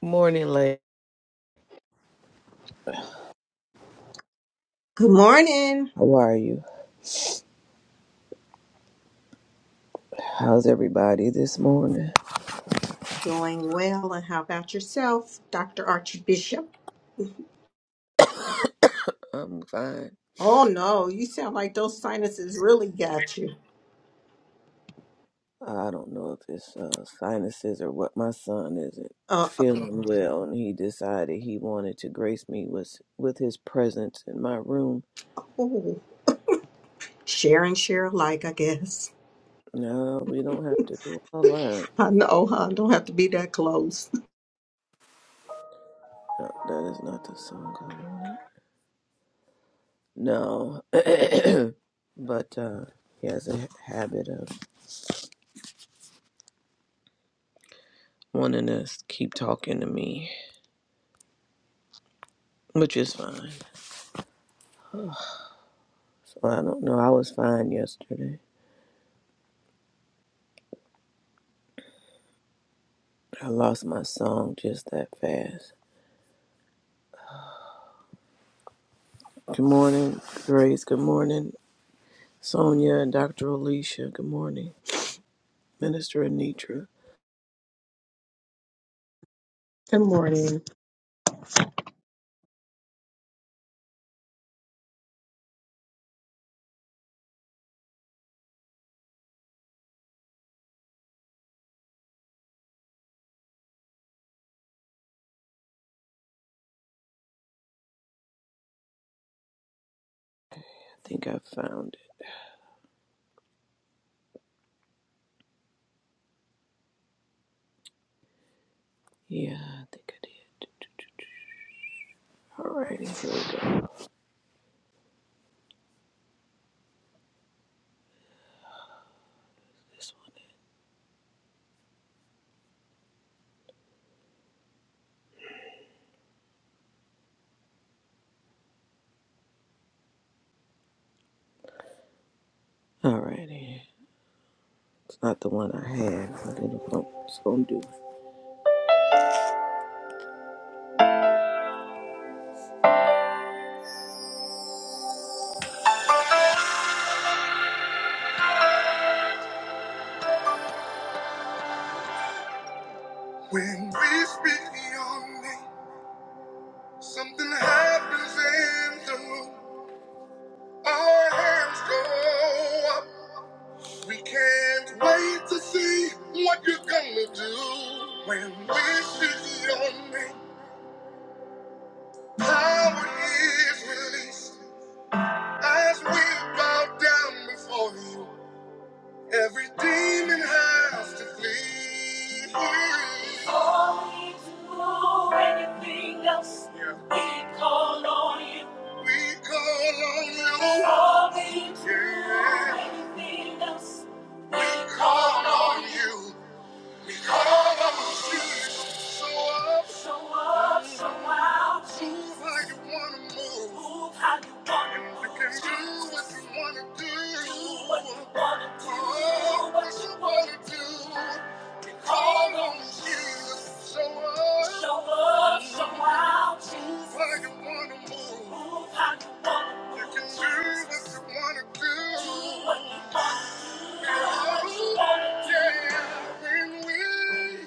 Good Morning, lady. Good morning. How are you? How's everybody this morning? Doing well, and how about yourself, Dr. Archbishop? I'm fine. Oh no, you sound like those sinuses really got you. I don't know if it's uh, sinuses or what. My son isn't Uh oh. feeling well, and he decided he wanted to grace me with with his presence in my room. Ooh, share and share alike, I guess. No, we don't have to do a line. I know, huh? Don't have to be that close. No, that is not the song I wanted. No, but uh, he has a habit of wanting to keep talking to me, which is fine. So I don't know. I was fine yesterday. I lost my song just that fast. Good morning, Grace. Good morning, Sonia and Dr. Alicia. Good morning, Minister Anitra. Good morning. I think I found it. Yeah, I think I did. Alrighty, here This one. Alrighty. It's not the one I had, but it'll it's gonna do. it. When we speak your name, something happens in the room. Our hands go up. We can't wait to see what you're gonna do when we see your name. Power is released as we bow down before you. Every demon has to flee. All We do anything else. Yeah. We call on you. We call on you. All We do Yeah. anything else. We call on you. Yeah, when we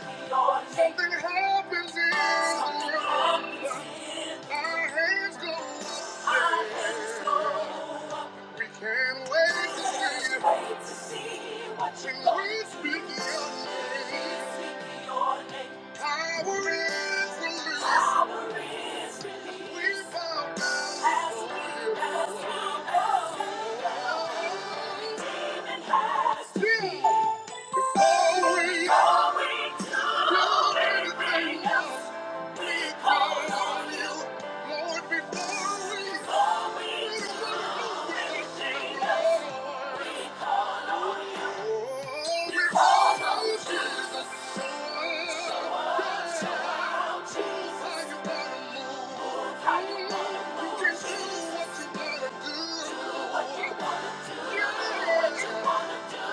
Something happens in the Our hands go up. We can't wait to see. Wait to see what you When we speak your name. Power is released. Power is released. We bow down. As we as we bow down. Demon has to be. Oh, we Oh, do do everything We call on you, Lord, before we Before we we do do anything Oh, we call on Jesus. Show us Show us, how you wanna move. you can do what you wanna do. what you wanna do. Yeah, yeah.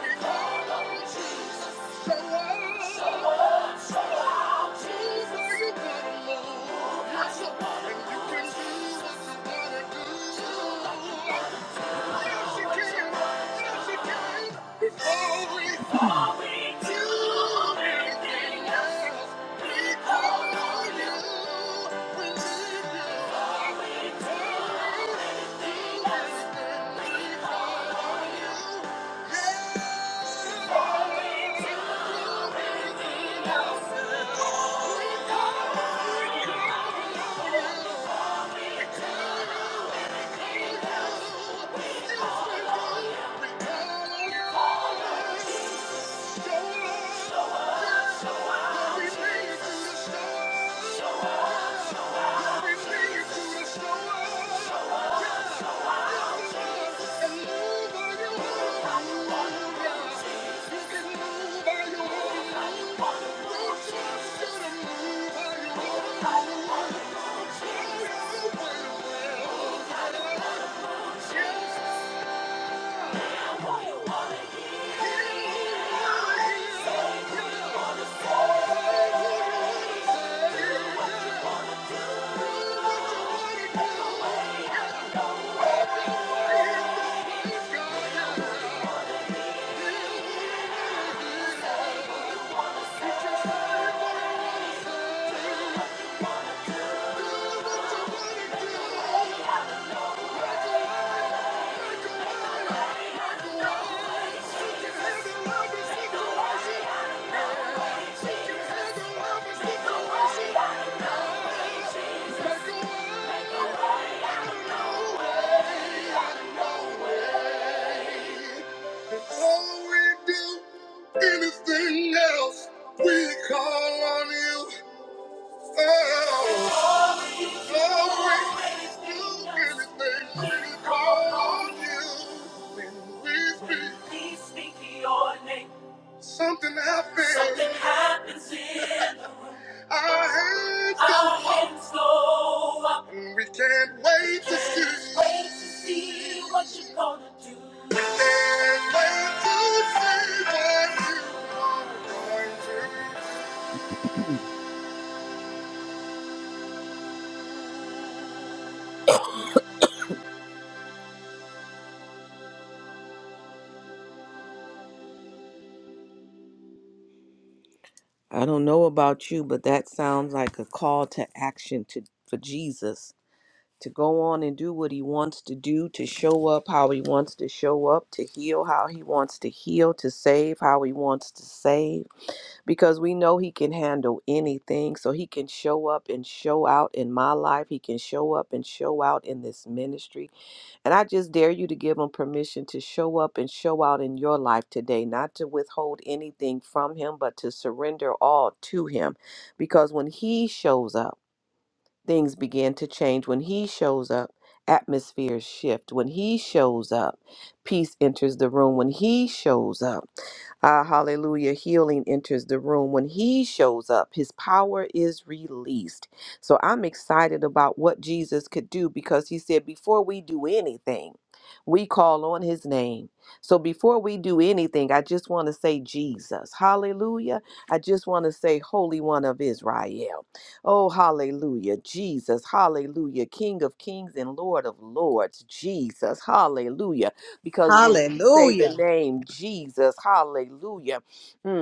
We call on Jesus. Show us. Jesus is the Lord. Yes, you are. And you can you want we call need you. you. Yes, We call on you. Thank you. Yeah. All we do, Anything else, we call on you. Oh, oh, really Something happens. Something happens in the room. Our hands go Our up. hands go up. And we can't wait to Can't see. Wait to see what you're gonna do. We can't wait to see what you're going to do. I don't know about you, but that sounds like a call to action to for Jesus to go on and do what he wants to do, to show up how he wants to show up, to heal how he wants to heal, to save how he wants to save, because we know he can handle anything. So he can show up and show out in my life. He can show up and show out in this ministry. And I just dare you to give him permission to show up and show out in your life today, not to withhold anything from him, but to surrender all to him. Because when he shows up, things begin to change. When he shows up, atmospheres shift. When he shows up, peace enters the room. When he shows up, ah, hallelujah, healing enters the room. When he shows up, his power is released. So I'm excited about what Jesus could do because he said, before we do anything, we call on his name. So before we do anything, I just want to say Jesus. Hallelujah. I just want to say, Holy One of Israel. Oh, hallelujah, Jesus, hallelujah, King of kings and Lord of lords, Jesus, hallelujah. Because when we say the Hallelujah. name Jesus, hallelujah, mm,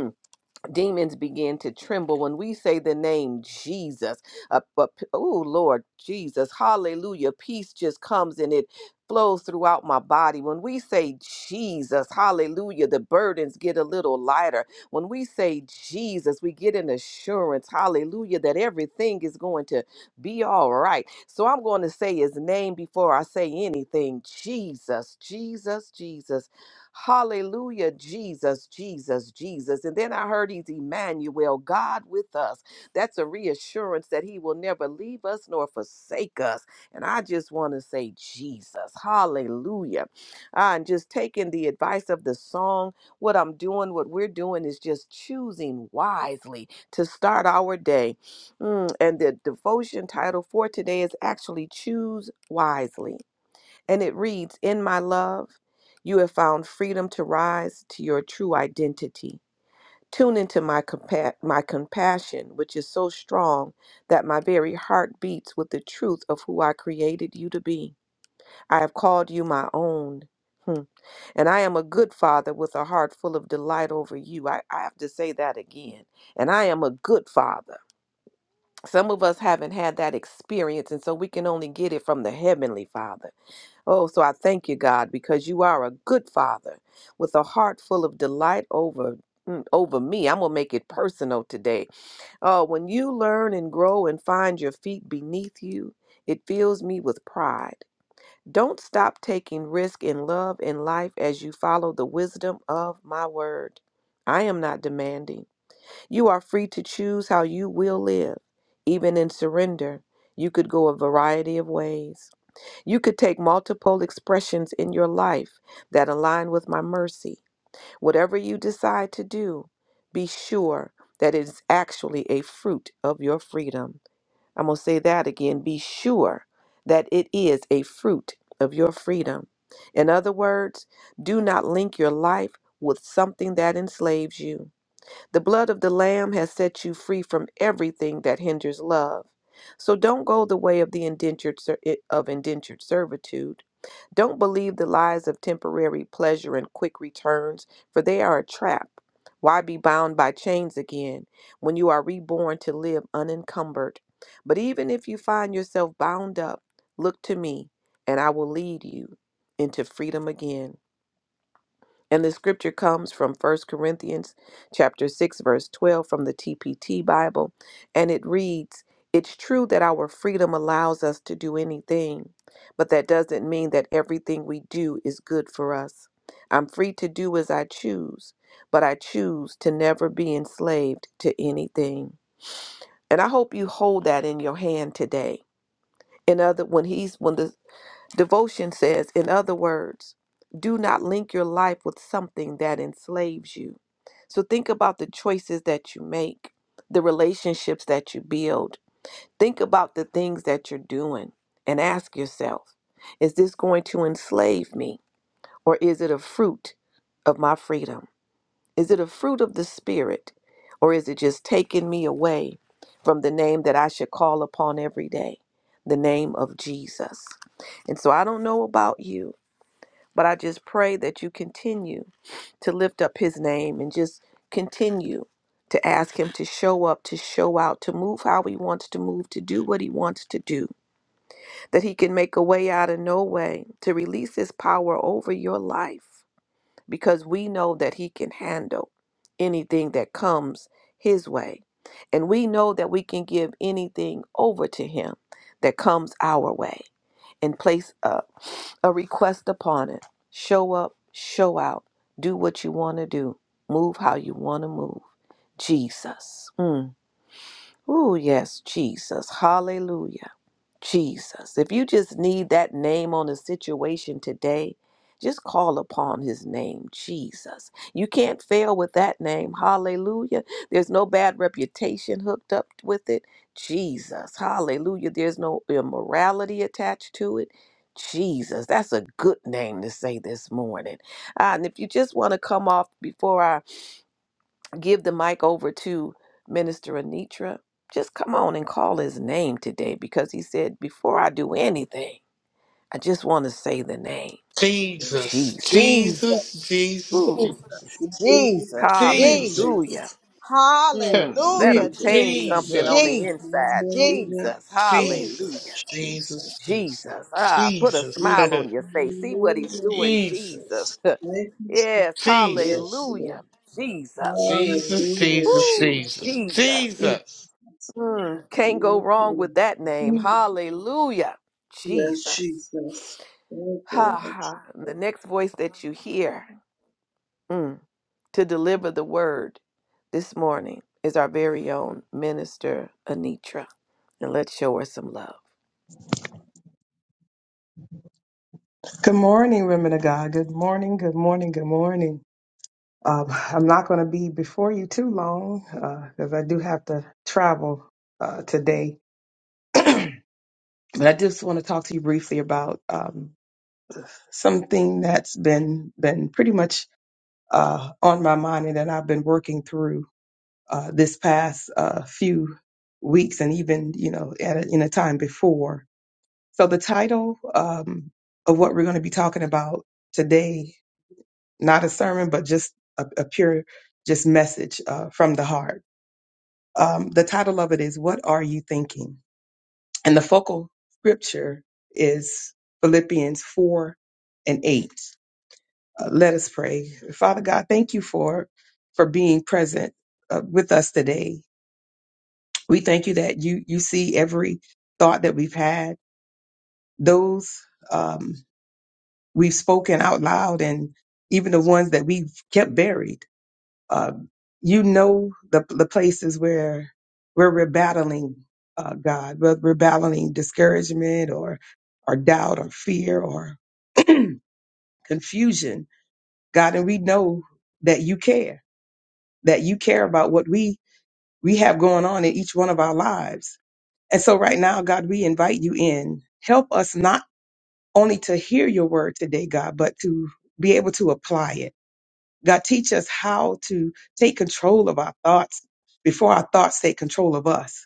demons begin to tremble when we say the name Jesus. Uh, but oh Lord Jesus, hallelujah. Peace just comes and it flows throughout my body. When we say Jesus, hallelujah, the burdens get a little lighter. When we say Jesus, we get an assurance, hallelujah, that everything is going to be all right. So I'm going to say his name before I say anything. Jesus, Jesus, Jesus. Hallelujah, Jesus, Jesus, Jesus. And then I heard he's Emmanuel, God with us. That's a reassurance that he will never leave us nor forsake us. And I just want to say, Jesus, hallelujah. Ah, and just taking the advice of the song, what I'm doing, what we're doing is just choosing wisely to start our day. Mm, and the devotion title for today is actually Choose Wisely. And it reads In my love, you have found freedom to rise to your true identity. Tune into my, compa- my compassion, which is so strong that my very heart beats with the truth of who I created you to be. I have called you my own. Hmm. And I am a good father with a heart full of delight over you. I, I have to say that again. And I am a good father. Some of us haven't had that experience, and so we can only get it from the Heavenly Father. Oh, so I thank you, God, because you are a good father with a heart full of delight over mm, over me. I'm going to make it personal today. Oh, when you learn and grow and find your feet beneath you, it fills me with pride. Don't stop taking risk in love and life as you follow the wisdom of my word. I am not demanding. You are free to choose how you will live. Even in surrender, you could go a variety of ways. You could take multiple expressions in your life that align with my mercy. Whatever you decide to do, be sure that it is actually a fruit of your freedom. I'm going to say that again. Be sure that it is a fruit of your freedom. In other words, do not link your life with something that enslaves you. The blood of the Lamb has set you free from everything that hinders love. So don't go the way of the indentured ser- eh, of indentured servitude don't believe the lies of temporary pleasure and quick returns, for they are a trap. Why be bound by chains again when you are reborn to live unencumbered? But even if you find yourself bound up, look to me, and I will lead you into freedom again. And the scripture comes from First Corinthians chapter 6 verse 12 from the TPT Bible and it reads, "It's true that our freedom allows us to do anything, but that doesn't mean that everything we do is good for us. I'm free to do as I choose, but I choose to never be enslaved to anything." And I hope you hold that in your hand today. In other when he's when the Devotion says, in other words, do not link your life with something that enslaves you. So think about the choices that you make, the relationships that you build. Think about the things that you're doing and ask yourself, is this going to enslave me or is it a fruit of my freedom? Is it a fruit of the Spirit or is it just taking me away from the name that I should call upon every day, the name of Jesus? And so I don't know about you. But I just pray that you continue to lift up his name and just continue to ask him to show up, to show out, to move how he wants to move, to do what he wants to do, that he can make a way out of no way, to release his power over your life, because we know that he can handle anything that comes his way. And we know that we can give anything over to him that comes our way and place a, a request upon it. Show up, show out, do what you want to do, move how you want to move. Jesus. Mm. Oh, yes, Jesus. Hallelujah. Jesus. If you just need that name on a situation today, just call upon his name, Jesus. You can't fail with that name. Hallelujah. There's no bad reputation hooked up with it. Jesus. Hallelujah. There's no immorality attached to it. Jesus. That's a good name to say this morning. Ah, and if you just want to come off before I give the mic over to Minister Anitra, just come on and call his name today because he said, Before I do anything, I just want to say the name Jesus, Jesus. Jesus, Jesus, Jesus, Ooh, Jesus, Jesus, Jesus, Jesus, Jesus, Jesus, Jesus. Jesus, hallelujah. Hmm, Jesus, let him Hallelujah, Jesus, change Jesus, something on the Jesus, Jesus, inside. hallelujah, Jesus. Jesus, Jesus. Hallelujah. Jesus, Jesus, Jesus, Jesus. Jesus, Ah, put a Jesus, smile Jesus, on your face. See what he's hallelujah, doing, Jesus. Jesus, thank you, yes, Jesus, yes, Jesus, Lord, hallelujah. Jesus. Jesus, Jesus, hallelujah, Ooh, Jesus, Jesus, Jesus. Good Jesus. yes, Mm, can't go wrong with Lord, that name. Hallelujah. yes, Jesus. Jesus, thank Ha you, ha. Lord, The next voice that you hear mm, to deliver the word this morning is our very own minister Anitra. And let's show her some love. morning, women of God. Good morning. Good morning. Good morning. Um, I'm not going to be before you too long because I do have to travel uh, today. But I just want to talk to you briefly about um, something that's been been pretty much uh, on my mind and that I've been working through uh, this past uh, few weeks and even you know at a, in a time before. So the title um, of what we're going to be talking about today not a sermon, but just a, a pure, just message uh, from the heart. Um, the title of it is "What Are You Thinking?" and the focal scripture is Philippians four and eight. Uh, let us pray, Father God. Thank you for for being present uh, with us today. We thank you that you you see every thought that we've had, those um, we've spoken out loud, and even the ones that we've kept buried Uh, you know the the places where where we're battling uh, God, whether we're battling discouragement or or doubt or fear or confusion, God, and we know that you care, that you care about what we we have going on in each one of our lives. And so right now, God, we invite you in. Help us not only to hear your word today, God, but to be able to apply it God, teach us how to take control of our thoughts before our thoughts take control of us.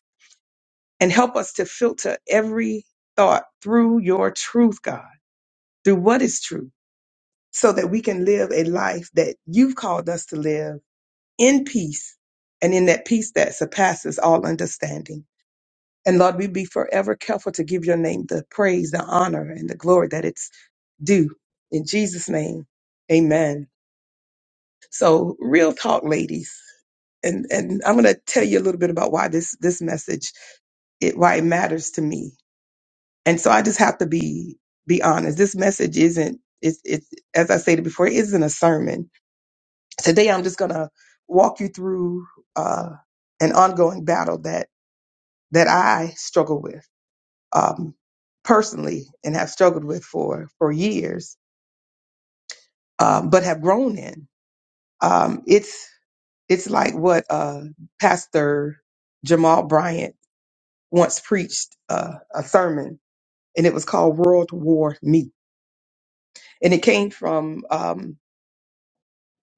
And help us to filter every thought through your truth, God, through what is true, so that we can live a life that you've called us to live in peace and in that peace that surpasses all understanding. And Lord, we be forever careful to give your name the praise, the honor, and the glory that it's due. In Jesus' name, amen. So, real talk, ladies and and I'm going to tell you a little bit about why this this message it why it matters to me. And so I just have to be be honest. This message isn't it's it's as I stated before, it isn't a sermon. Today I'm just going to walk you through uh, an ongoing battle that that I struggle with um, personally and have struggled with for for years, um, but have grown in. Um, it's it's like what uh, Pastor Jamal Bryant once preached uh, a sermon, and it was called World War Me. And it came from um,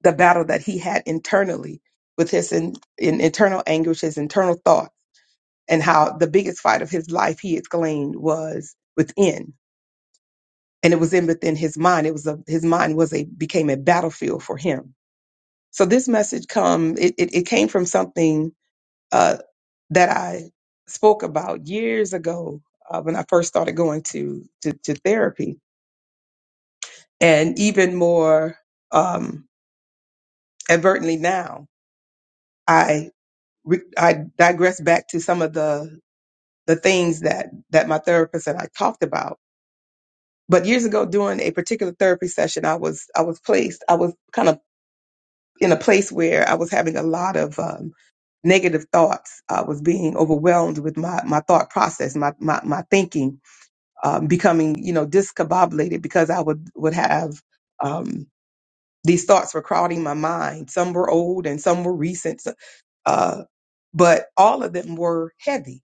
the battle that he had internally with his in, in internal anguish, his internal thoughts, and how the biggest fight of his life, he exclaimed, was within. And it was in within his mind. It was a, his mind was a became a battlefield for him. So this message come it, it, it came from something uh, that I spoke about years ago uh, when I first started going to to, to therapy and even more um, advertently now, I re- I digress back to some of the the things that that my therapist and I talked about. But years ago, during a particular therapy session, I was I was placed I was kind of in a place where I was having a lot of um, negative thoughts. I was being overwhelmed with my my thought process, my my, my thinking, um, becoming you know discombobulated because I would would have. Um, these thoughts were crowding my mind. Some were old and some were recent, uh, but all of them were heavy.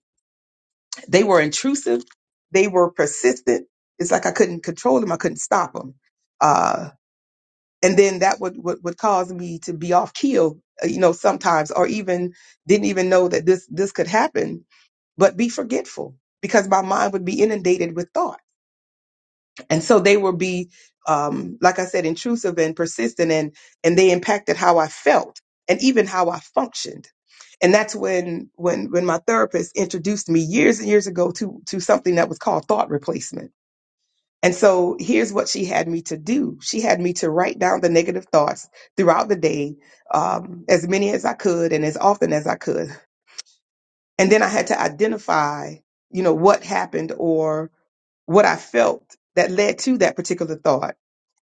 They were intrusive. They were persistent. It's like I couldn't control them. I couldn't stop them. Uh, and then that would, would, would cause me to be off keel, uh, you know, sometimes, or even didn't even know that this, this could happen, but be forgetful because my mind would be inundated with thought and so they would be um, like i said intrusive and persistent and and they impacted how i felt and even how i functioned and that's when when when my therapist introduced me years and years ago to to something that was called thought replacement and so here's what she had me to do she had me to write down the negative thoughts throughout the day um, as many as i could and as often as i could and then i had to identify you know what happened or what I felt that led to that particular thought.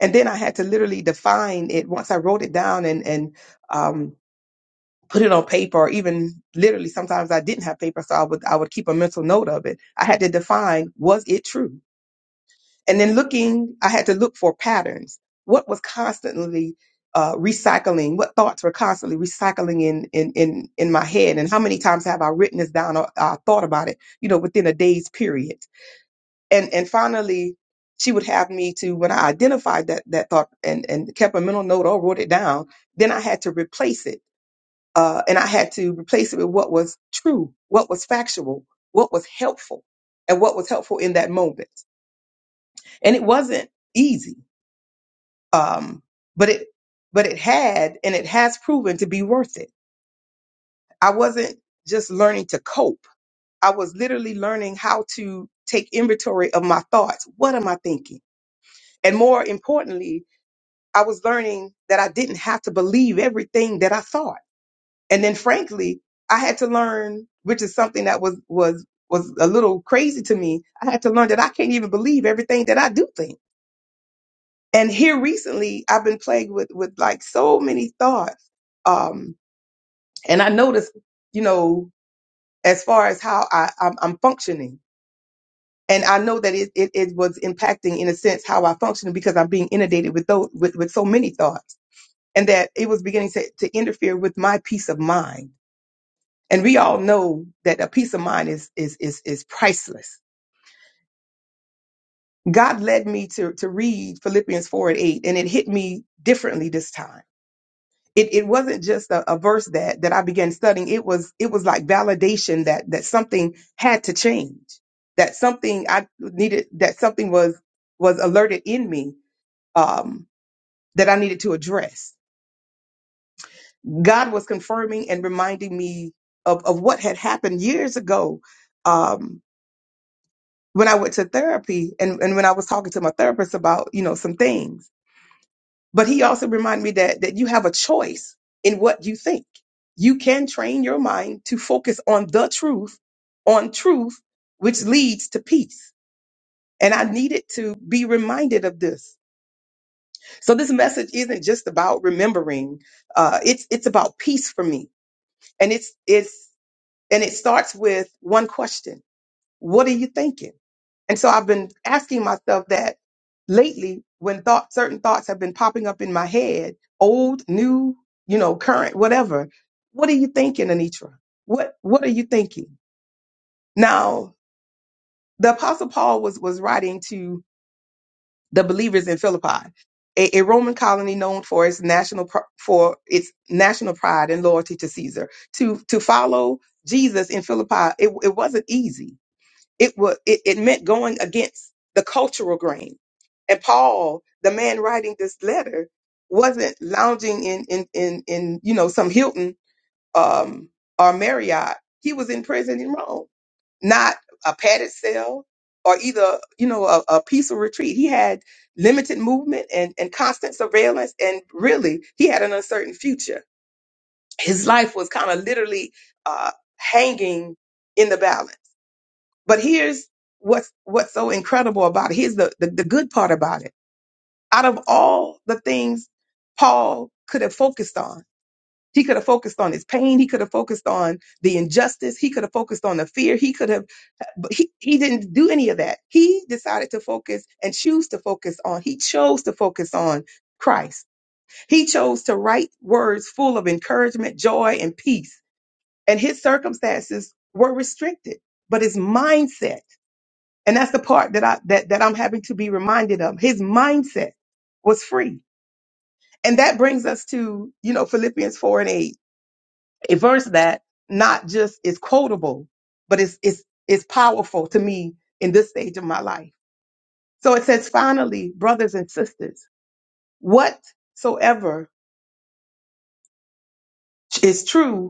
And then I had to literally define it once I wrote it down and, and, um, put it on paper or even literally sometimes I didn't have paper. So I would, I would keep a mental note of it. I had to define, was it true? And then looking, I had to look for patterns. What was constantly, uh, recycling? What thoughts were constantly recycling in, in, in, in my head? And how many times have I written this down or uh, thought about it, you know, within a day's period? and and finally she would have me to when i identified that that thought and and kept a mental note or wrote it down then i had to replace it uh and i had to replace it with what was true what was factual what was helpful and what was helpful in that moment and it wasn't easy um but it but it had and it has proven to be worth it i wasn't just learning to cope i was literally learning how to take inventory of my thoughts what am i thinking and more importantly I was learning that I didn't have to believe everything that I thought. And then frankly, I had to learn, which is something that was, was, was a little crazy to me. I had to learn that I can't even believe everything that I do think. And here recently, I've been plagued with, with like so many thoughts. Um, and I noticed, you know, as far as how I, I'm, I'm functioning. And I know that it, it, it was impacting in a sense how I function because I'm being inundated with those, with, with so many thoughts. and that it was beginning to, to interfere with my peace of mind. And we all know that a peace of mind is is is is priceless. God led me to to read Philippians four and eight, and it hit me differently this time. It it wasn't just a, a verse that that I began studying. It was it was like validation that that something had to change, that something I needed, that something was was alerted in me um, that I needed to address God was confirming and reminding me of, of what had happened years ago um, when I went to therapy and, and when I was talking to my therapist about, you know, some things. But he also reminded me that that you have a choice in what you think. You can train your mind to focus on the truth, on truth, which leads to peace. And I needed to be reminded of this. So this message isn't just about remembering. Uh, it's it's about peace for me and it's it's And it starts with one question. What are you thinking? And so I've been asking myself that lately when thought, certain thoughts have been popping up in my head, old, new, you know, current, whatever. What are you thinking, Anitra? What, what are you thinking? Now, the apostle Paul was, was writing to the believers in Philippi, a, a Roman colony known for its national, pr- for its national pride and loyalty to Caesar. To, to follow Jesus in Philippi, it, it wasn't easy It was it, it meant going against the cultural grain. And Paul, the man writing this letter, wasn't lounging in in in, in you know some Hilton um, or Marriott. He was in prison in Rome, not a padded cell or either you know a, a peaceful retreat. He had limited movement and and constant surveillance, and really he had an uncertain future. His life was kind of literally uh, hanging in the balance but here's what's what's so incredible about it. Here's the, the, the good part about it. Out of all the things Paul could have focused on, he could have focused on his pain, he could have focused on the injustice, he could have focused on the fear, he could have but he, he didn't do any of that. He decided to focus and choose to focus on, he chose to focus on Christ. He chose to write words full of encouragement, joy, and peace. And his circumstances were restricted, but his mindset and that's the part that I that that I'm having to be reminded of. His mindset was free. And that brings us to, you know, Philippians 4 and 8, a verse that not just is quotable, but it's it's it's powerful to me in this stage of my life. So it says, finally, brothers and sisters, whatsoever is true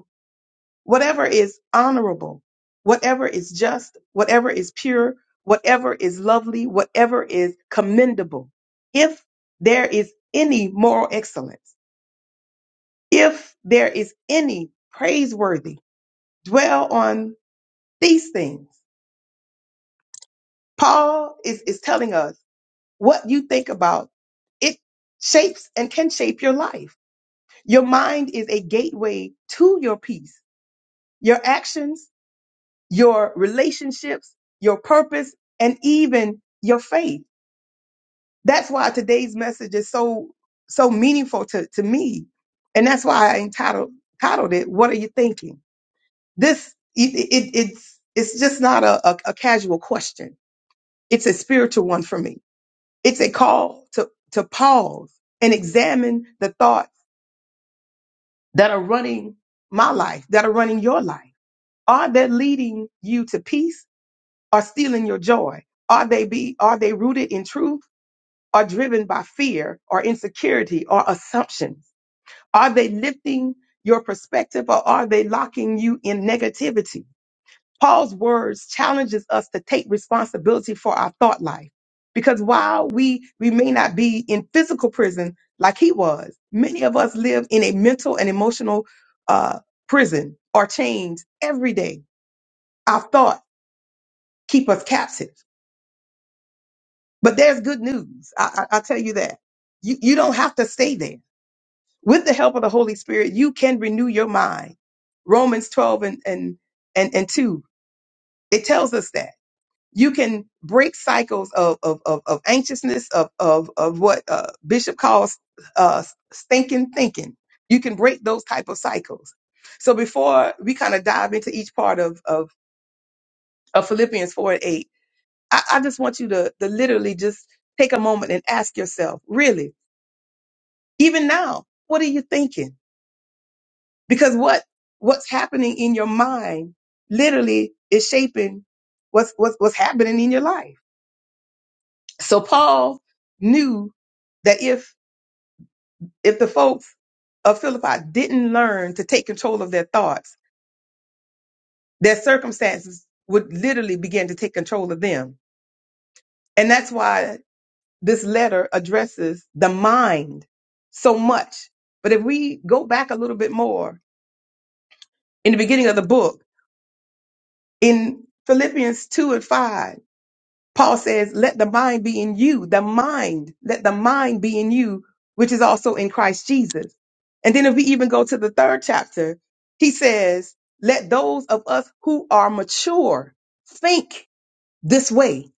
whatever is honorable, whatever is just, whatever is pure, whatever is lovely, whatever is commendable, if there is any moral excellence, if there is any praiseworthy, dwell on these things. Paul is, is telling us what you think about, it shapes and can shape your life. Your mind is a gateway to your peace. Your actions your relationships, your purpose, and even your faith. That's why today's message is so so meaningful to, to me. And that's why I entitled titled it, What Are You Thinking? This it, it it's it's just not a, a, a casual question. It's a spiritual one for me. It's a call to to pause and examine the thoughts that are running my life, that are running your life. Are they leading you to peace? are stealing your joy? Are they be are they rooted in truth or driven by fear or insecurity or assumptions? Are they lifting your perspective or are they locking you in negativity? Paul's words challenges us to take responsibility for our thought life. Because while we we may not be in physical prison like he was, many of us live in a mental and emotional uh, prison or chains every day. Our thoughts keep us captive. But there's good news. I, I, I'll tell you that. You, you don't have to stay there. With the help of the Holy Spirit, you can renew your mind. Romans 12 and, and, and, and 2, it tells us that. You can break cycles of, of, of, of anxiousness, of, of, of what uh, Bishop calls uh, stinking thinking. You can break those type of cycles. So before we kind of dive into each part of, of, of Philippians 4 and 8, I, I just want you to, to literally just take a moment and ask yourself, really, Even now, what are you thinking? Because what what's happening in your mind literally is shaping what's what's, what's happening in your life. So Paul knew that if if the folks of Philippi didn't learn to take control of their thoughts, their circumstances would literally begin to take control of them. And that's why this letter addresses the mind so much. But if we go back a little bit more in the beginning of the book, In Philippians 2 and 5, Paul says, Let the mind be in you, the mind, let the mind be in you, which is also in Christ Jesus. And then if we even go to the third chapter, he says, Let those of us who are mature think this way.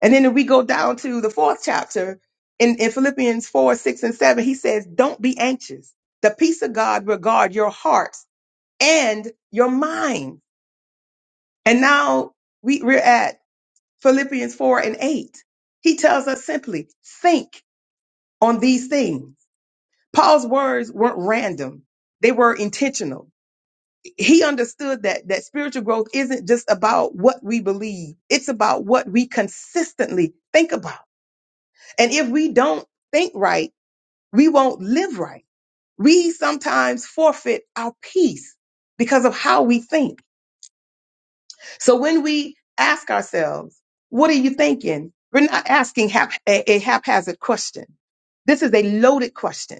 And then if we go down to the fourth chapter, in, in Philippians 4, 6, and 7, he says, Don't be anxious. The peace of God regard your hearts and your mind. And now we, we're at Philippians 4 and 8. He tells us simply, think on these things. Paul's words weren't random. They were intentional. He understood that, that spiritual growth isn't just about what we believe. It's about what we consistently think about. And if we don't think right, we won't live right. We sometimes forfeit our peace because of how we think. So when we ask ourselves, what are you thinking? We're not asking hap- a, a haphazard question. This is a loaded question.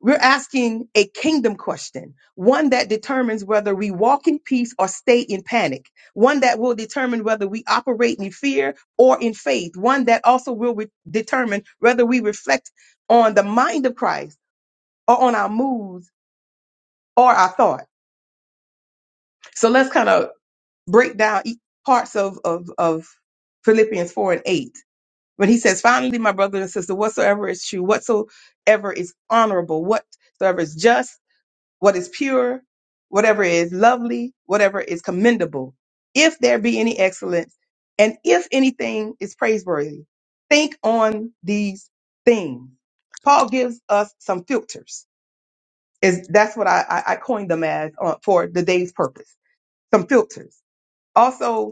We're asking a kingdom question, one that determines whether we walk in peace or stay in panic, one that will determine whether we operate in fear or in faith, one that also will re- determine whether we reflect on the mind of Christ or on our moods or our thought. So let's kind of break down each parts of, of, of Philippians 4 and 8. When he says, finally, my brothers and sisters, whatsoever is true, whatsoever is honorable, whatsoever is just, what is pure, whatever is lovely, whatever is commendable, if there be any excellence, and if anything is praiseworthy, think on these things. Paul gives us some filters. Is that's what I, I I coined them as uh, for the day's purpose. Some filters. Also,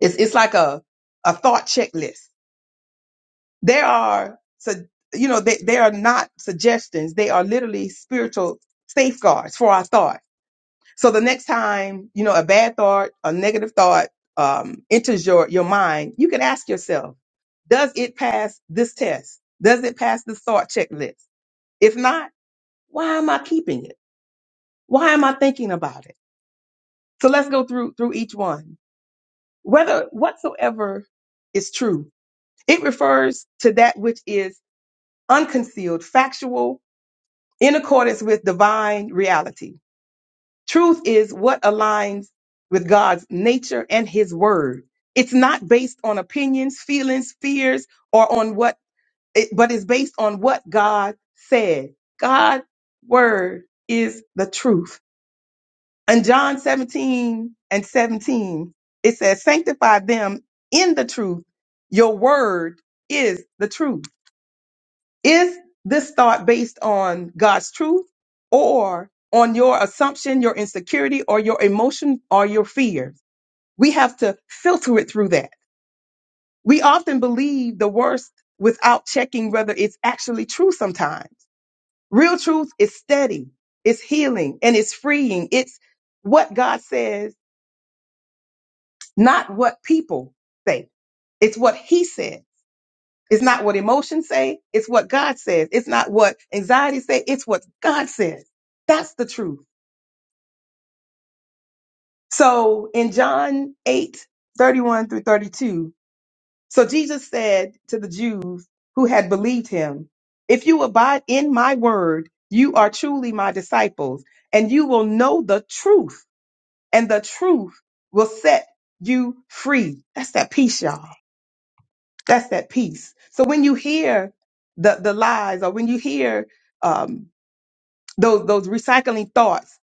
it's it's like a a thought checklist. There are so you know they, they are not suggestions. They are literally spiritual safeguards for our thought. So the next time you know a bad thought, a negative thought um, enters your your mind, you can ask yourself, does it pass this test? Does it pass this thought checklist? If not, why am I keeping it? Why am I thinking about it? So let's go through through each one. Whether whatsoever is true It refers to that which is unconcealed, factual, in accordance with divine reality. Truth is what aligns with God's nature and his word. It's not based on opinions, feelings, fears, or on what, it, but is based on what God said. God's word is the truth. In John 17 and 17, it says, sanctify them in the truth. Your word is the truth. Is this thought based on God's truth or on your assumption, your insecurity, or your emotion or your fears? We have to filter it through that. We often believe the worst without checking whether it's actually true sometimes. Real truth is steady, it's healing, and it's freeing. It's what God says, not what people say. It's what He says. It's not what emotions say. It's what God says. It's not what anxiety say. It's what God says. That's the truth. So in John 8 31 through 32, so Jesus said to the Jews who had believed him, if you abide in my word, you are truly my disciples and you will know the truth and the truth will set you free. That's that peace, y'all. That's that peace. So when you hear the, the lies or when you hear, um, those those recycling thoughts.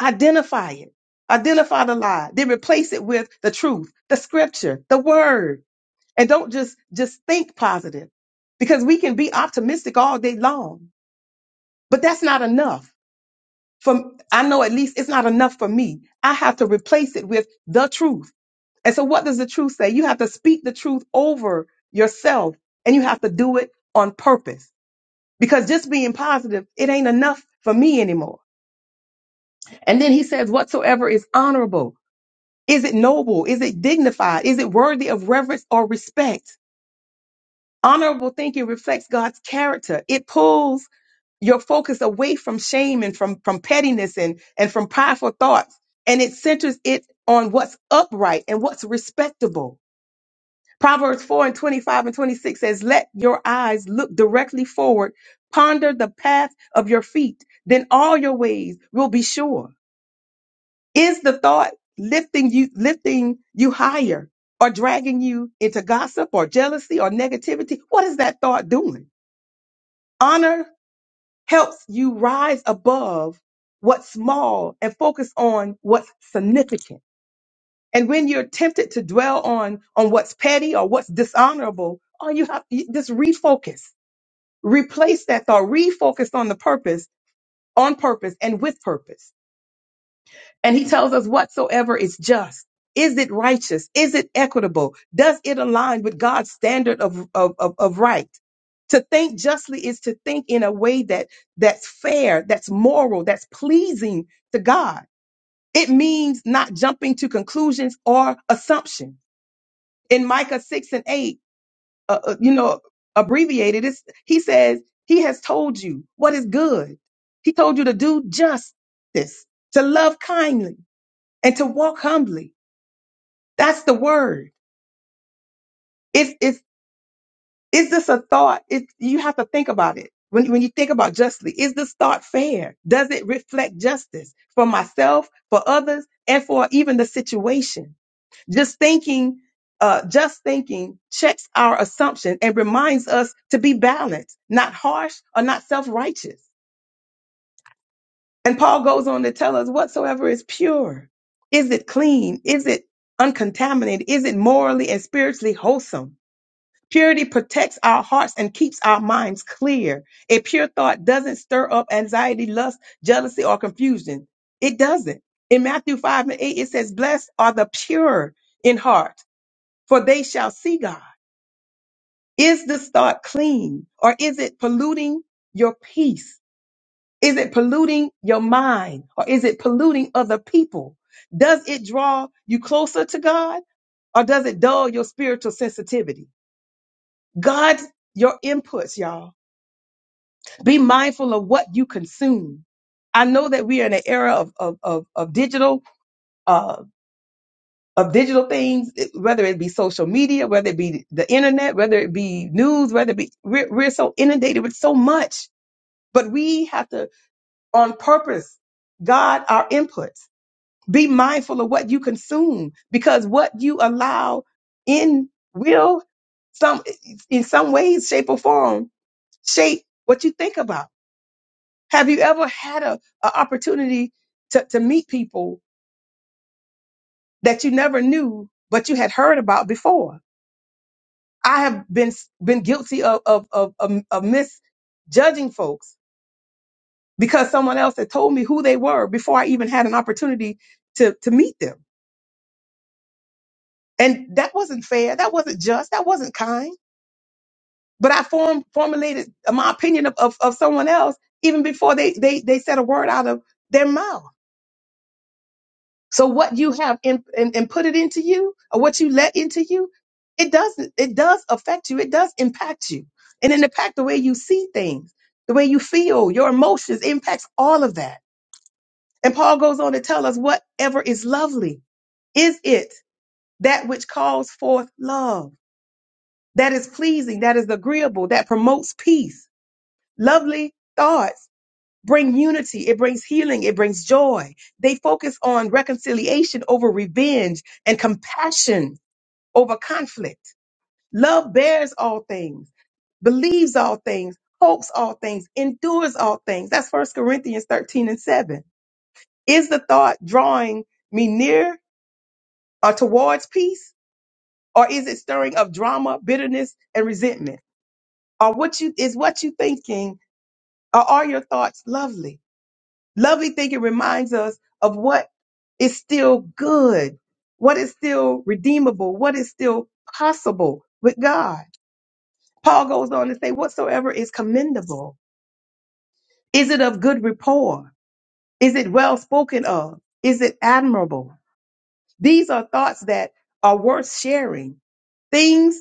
Identify it. Identify the lie. Then replace it with the truth, the scripture, the word. And don't just just think positive because we can be optimistic all day long, but that's not enough. For I know at least it's not enough for me. I have to replace it with the truth. And so what does the truth say? You have to speak the truth over yourself and you have to do it on purpose because just being positive, it ain't enough for me anymore. And then he says, whatsoever is honorable, is it noble? Is it dignified? Is it worthy of reverence or respect? Honorable thinking reflects God's character. It pulls your focus away from shame and from, from pettiness and, and from prideful thoughts. And it centers it on what's upright and what's respectable. Proverbs 4 and 25 and 26 says, let your eyes look directly forward, ponder the path of your feet, then all your ways will be sure. Is the thought lifting you, lifting you higher or dragging you into gossip or jealousy or negativity? What is that thought doing? Honor helps you rise above what's small and focus on what's significant. And when you're tempted to dwell on, on what's petty or what's dishonorable, all you have, you just refocus, replace that thought, refocus on the purpose, on purpose and with purpose. And he tells us whatsoever is just. Is it righteous? Is it equitable? Does it align with God's standard of, of, of, of right? To think justly is to think in a way that that's fair, that's moral, that's pleasing to God. It means not jumping to conclusions or assumptions. In Micah 6 and 8, uh, uh, you know, abbreviated, it's, he says, he has told you what is good. He told you to do justice, to love kindly, and to walk humbly. That's the word. Is is is this a thought? It you have to think about it. When when you think about justly, is this thought fair? Does it reflect justice for myself, for others, and for even the situation? Just thinking, uh, just thinking checks our assumption and reminds us to be balanced, not harsh or not self-righteous. And Paul goes on to tell us whatsoever is pure, is it clean? Is it uncontaminated? Is it morally and spiritually wholesome? Purity protects our hearts and keeps our minds clear. A pure thought doesn't stir up anxiety, lust, jealousy, or confusion. It doesn't. In Matthew 5 and 8, it says, Blessed are the pure in heart, for they shall see God. Is this thought clean or is it polluting your peace? Is it polluting your mind or is it polluting other people? Does it draw you closer to God or does it dull your spiritual sensitivity? God's your inputs, y'all Be mindful of what you consume. I know that we are in an era of of of, of digital uh, of digital things, it- whether it be social media, whether it be the internet, whether it be news, whether it be we're, we're so inundated with so much. But we have to, on purpose, guard our inputs. Be mindful of what you consume because what you allow in will some in some ways, shape or form shape what you think about. Have you ever had a, a opportunity to, to meet people that you never knew, but you had heard about before? I have been been guilty of of of, of, of misjudging folks because someone else had told me who they were before I even had an opportunity to to meet them, and that wasn't fair. That wasn't just. That wasn't kind. But I form, formulated my opinion of, of, of someone else even before they, they they said a word out of their mouth. So what you have in, and, and put it into you or what you let into you, it doesn't, it does affect you. It does impact you. And it impact the way you see things, the way you feel, your emotions impacts all of that. And Paul goes on to tell us whatever is lovely, is it that which calls forth love, that is pleasing, that is agreeable, that promotes peace, lovely thoughts bring unity, it brings healing, it brings joy. They focus on reconciliation over revenge and compassion over conflict. Love bears all things, believes all things, hopes all things, endures all things. That's First Corinthians 13 and 7. Is the thought drawing me near or towards peace? Or is it stirring of drama, bitterness, and resentment? Or what you is what you thinking, or are your thoughts lovely? Lovely thinking reminds us of what is still good, what is still redeemable, what is still possible with God. Paul goes on to say, whatsoever is commendable, is it of good rapport? Is it well spoken of? Is it admirable? These are thoughts that are worth sharing, things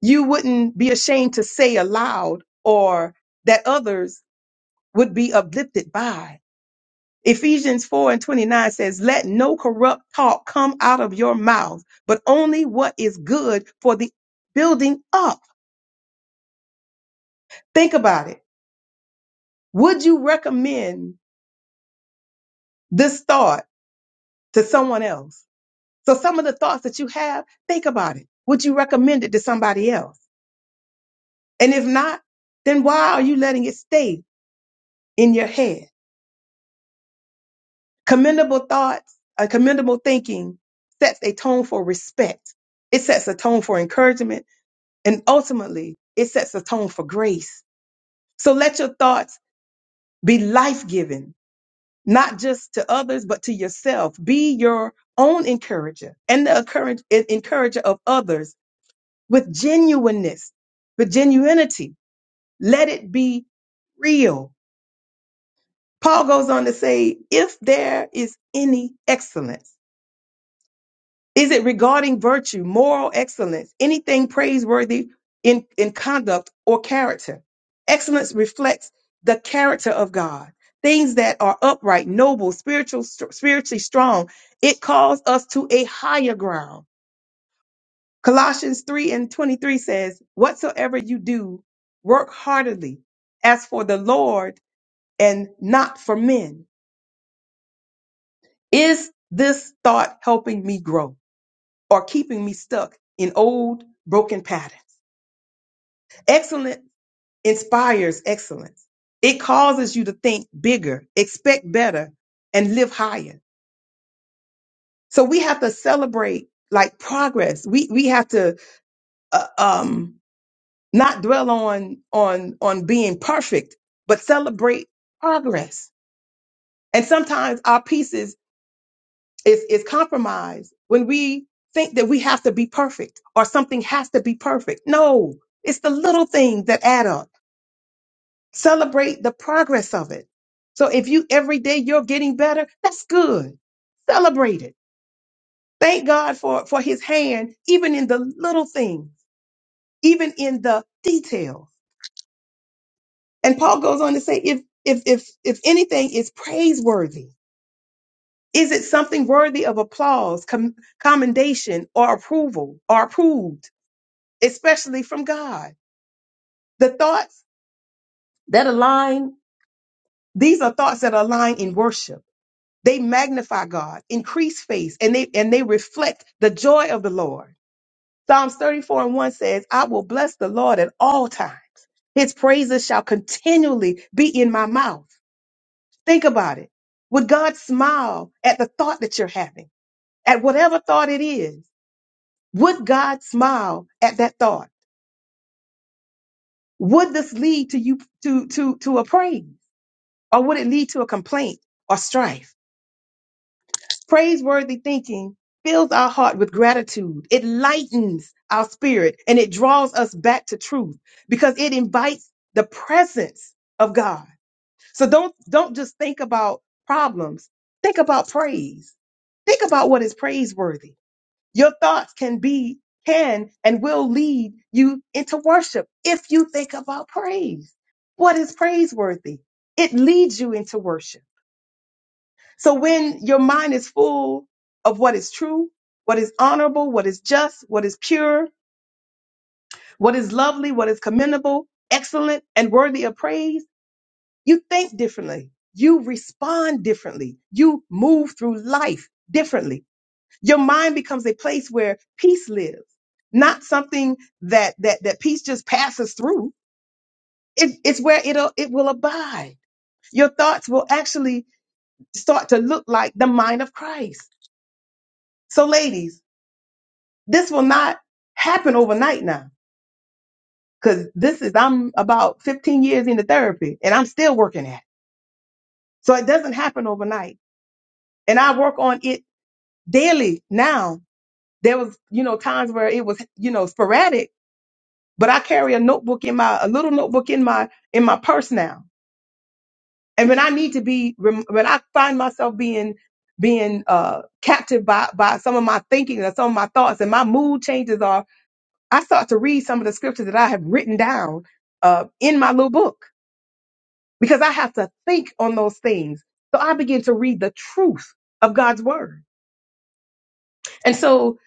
you wouldn't be ashamed to say aloud or that others would be uplifted by Ephesians 4 and 29 says, Let no corrupt talk come out of your mouth, but only what is good for the building up. Think about it. Would you recommend this thought to someone else? So, some of the thoughts that you have, think about it. Would you recommend it to somebody else? And if not, then why are you letting it stay in your head? Commendable thoughts, uh, commendable thinking sets a tone for respect, it sets a tone for encouragement And ultimately, it sets a tone for grace. So let your thoughts be life giving, not just to others, but to yourself. Be your own encourager and the encourage- en- encourager of others with genuineness, with genuinity. Let it be real. Paul goes on to say, if there is any excellence, Is it regarding virtue, moral excellence, anything praiseworthy in, in conduct or character? Excellence reflects the character of God, things that are upright, noble, spiritual, spiritually strong. It calls us to a higher ground. Colossians 3 and 23 says, Whatsoever you do, work heartily as for the Lord and not for men. Is this thought helping me grow or keeping me stuck in old broken patterns? Excellence inspires excellence. It causes you to think bigger, expect better, and live higher. So we have to celebrate like progress. We we have to uh, um not dwell on on on being perfect, but celebrate progress. And sometimes our pieces is is is compromised when we think that we have to be perfect or something has to be perfect. No, it's the little things that add up. Celebrate the progress of it. So if you every day you're getting better, that's good. Celebrate it. Thank God for, for his hand, even in the little things, even in the detail. And Paul goes on to say, if if if if anything is praiseworthy, is it something worthy of applause, com- commendation, or approval, or approved, especially from God? The thoughts that align, these are thoughts that align in worship They magnify God, increase faith, and they and they reflect the joy of the Lord. Psalms 34 and 1 says, I will bless the Lord at all times. His praises shall continually be in my mouth. Think about it. Would God smile at the thought that you're having? At whatever thought it is, would God smile at that thought? Would this lead to you to to to a praise? Or would it lead to a complaint or strife? Praiseworthy thinking fills our heart with gratitude. It lightens our spirit and it draws us back to truth because it invites the presence of God. So don't don't just think about problems. Think about praise. Think about what is praiseworthy. Your thoughts can be can and will lead you into worship if you think about praise. What is praiseworthy? It leads you into worship. So when your mind is full of what is true, what is honorable, what is just, what is pure, what is lovely, what is commendable, excellent, and worthy of praise, you think differently. You respond differently. You move through life differently. Your mind becomes a place where peace lives, not something that that that peace just passes through. It, it's where it'll it will abide. Your thoughts will actually start to look like the mind of Christ. So, ladies. This will not happen overnight now because this is, I'm about 15 years into therapy and I'm still working at it. So it doesn't happen overnight. And I work on it daily now. There was, you know, times where it was, you know, sporadic, but I carry a notebook in my, a little notebook in my, in my purse now. And when I need to be, rem- when I find myself being being uh, captured by, by some of my thinking or some of my thoughts and my mood changes are I start to read some of the scriptures that I have written down uh, in my little book because I have to think on those things. So I begin to read the truth of God's word. And so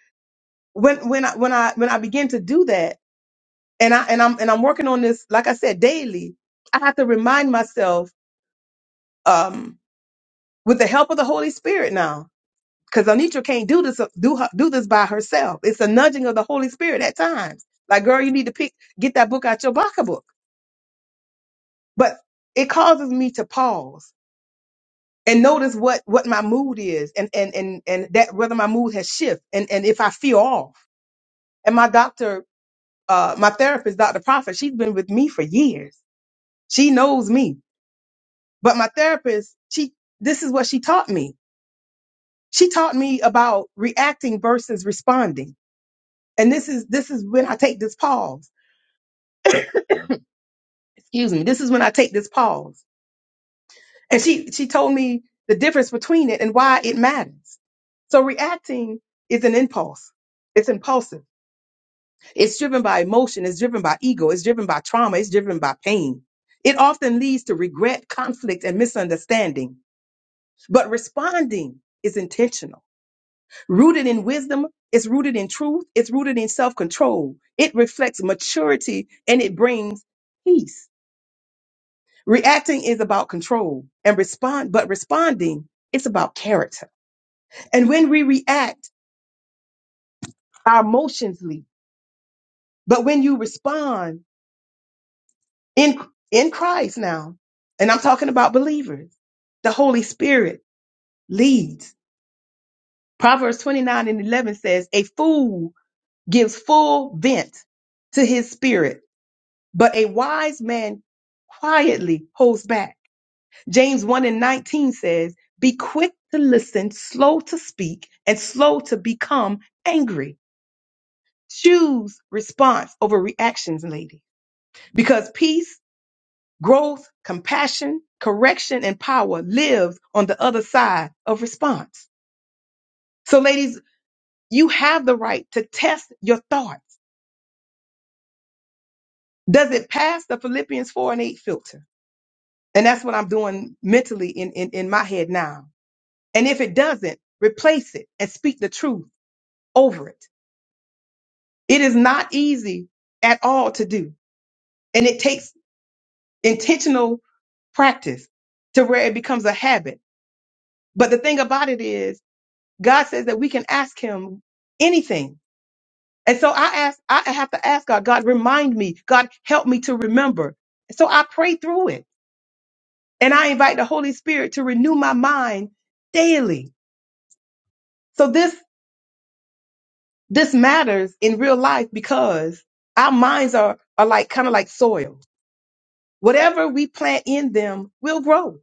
when when I when I when I begin to do that, and I and I'm and I'm working on this, like I said, daily, I have to remind myself um, with the help of the Holy Spirit now. Because Anitra can't do this do her, do this by herself. It's a nudging of the Holy Spirit at times. Like, girl, you need to pick get that book out your pocketbook but it causes me to pause and notice what what my mood is and and and and that whether my mood has shifted and and if i feel off and my doctor uh my therapist dr prophet she's been with me for years she knows me but my therapist she this is what she taught me she taught me about reacting versus responding and this is this is when i take this pause excuse me this is when i take this pause And she she told me the difference between it and why it matters. So reacting is an impulse. It's impulsive. It's driven by emotion. It's driven by ego. It's driven by trauma. It's driven by pain. It often leads to regret, conflict, and misunderstanding. But responding is intentional. Rooted in wisdom, it's rooted in truth, it's rooted in self control. It reflects maturity and it brings peace. Reacting is about control and respond, but responding, it's about character. And when we react, our emotions lead. But when you respond in, in Christ now, and I'm talking about believers, the Holy Spirit leads. Proverbs 29 and 11 says, a fool gives full vent to his spirit, but a wise man quietly holds back. James 1 and 19 says, be quick to listen, slow to speak, and slow to become angry. Choose response over reactions, ladies. because peace, growth, compassion, correction, and power live on the other side of response. So, ladies, you have the right to test your thoughts. Does it pass the Philippians 4 and 8 filter? And that's what I'm doing mentally in, in, in my head now. And if it doesn't, replace it and speak the truth over it. It is not easy at all to do. And it takes intentional practice to where it becomes a habit. But the thing about it is, God says that we can ask him anything. And so I ask, I have to ask God, God, remind me, God, help me to remember. So I pray through it and I invite the Holy Spirit to renew my mind daily. So this, this matters in real life because our minds are, are like kind of like soil. Whatever we plant in them will grow.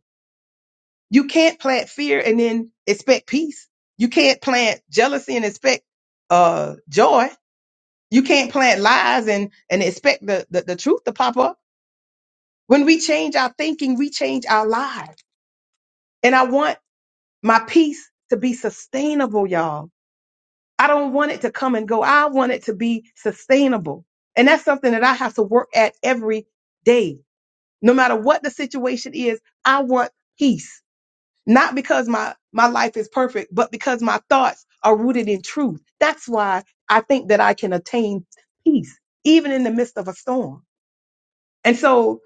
You can't plant fear and then expect peace. You can't plant jealousy and expect, uh, joy You can't plant lies and and expect the, the the truth to pop up. When we change our thinking, we change our lives. And I want my peace to be sustainable, y'all. I don't want it to come and go. I want it to be sustainable. And that's something that I have to work at every day. No matter what the situation is, I want peace. Not because my my life is perfect, but because my thoughts are rooted in truth. That's why I think that I can attain peace even in the midst of a storm. And so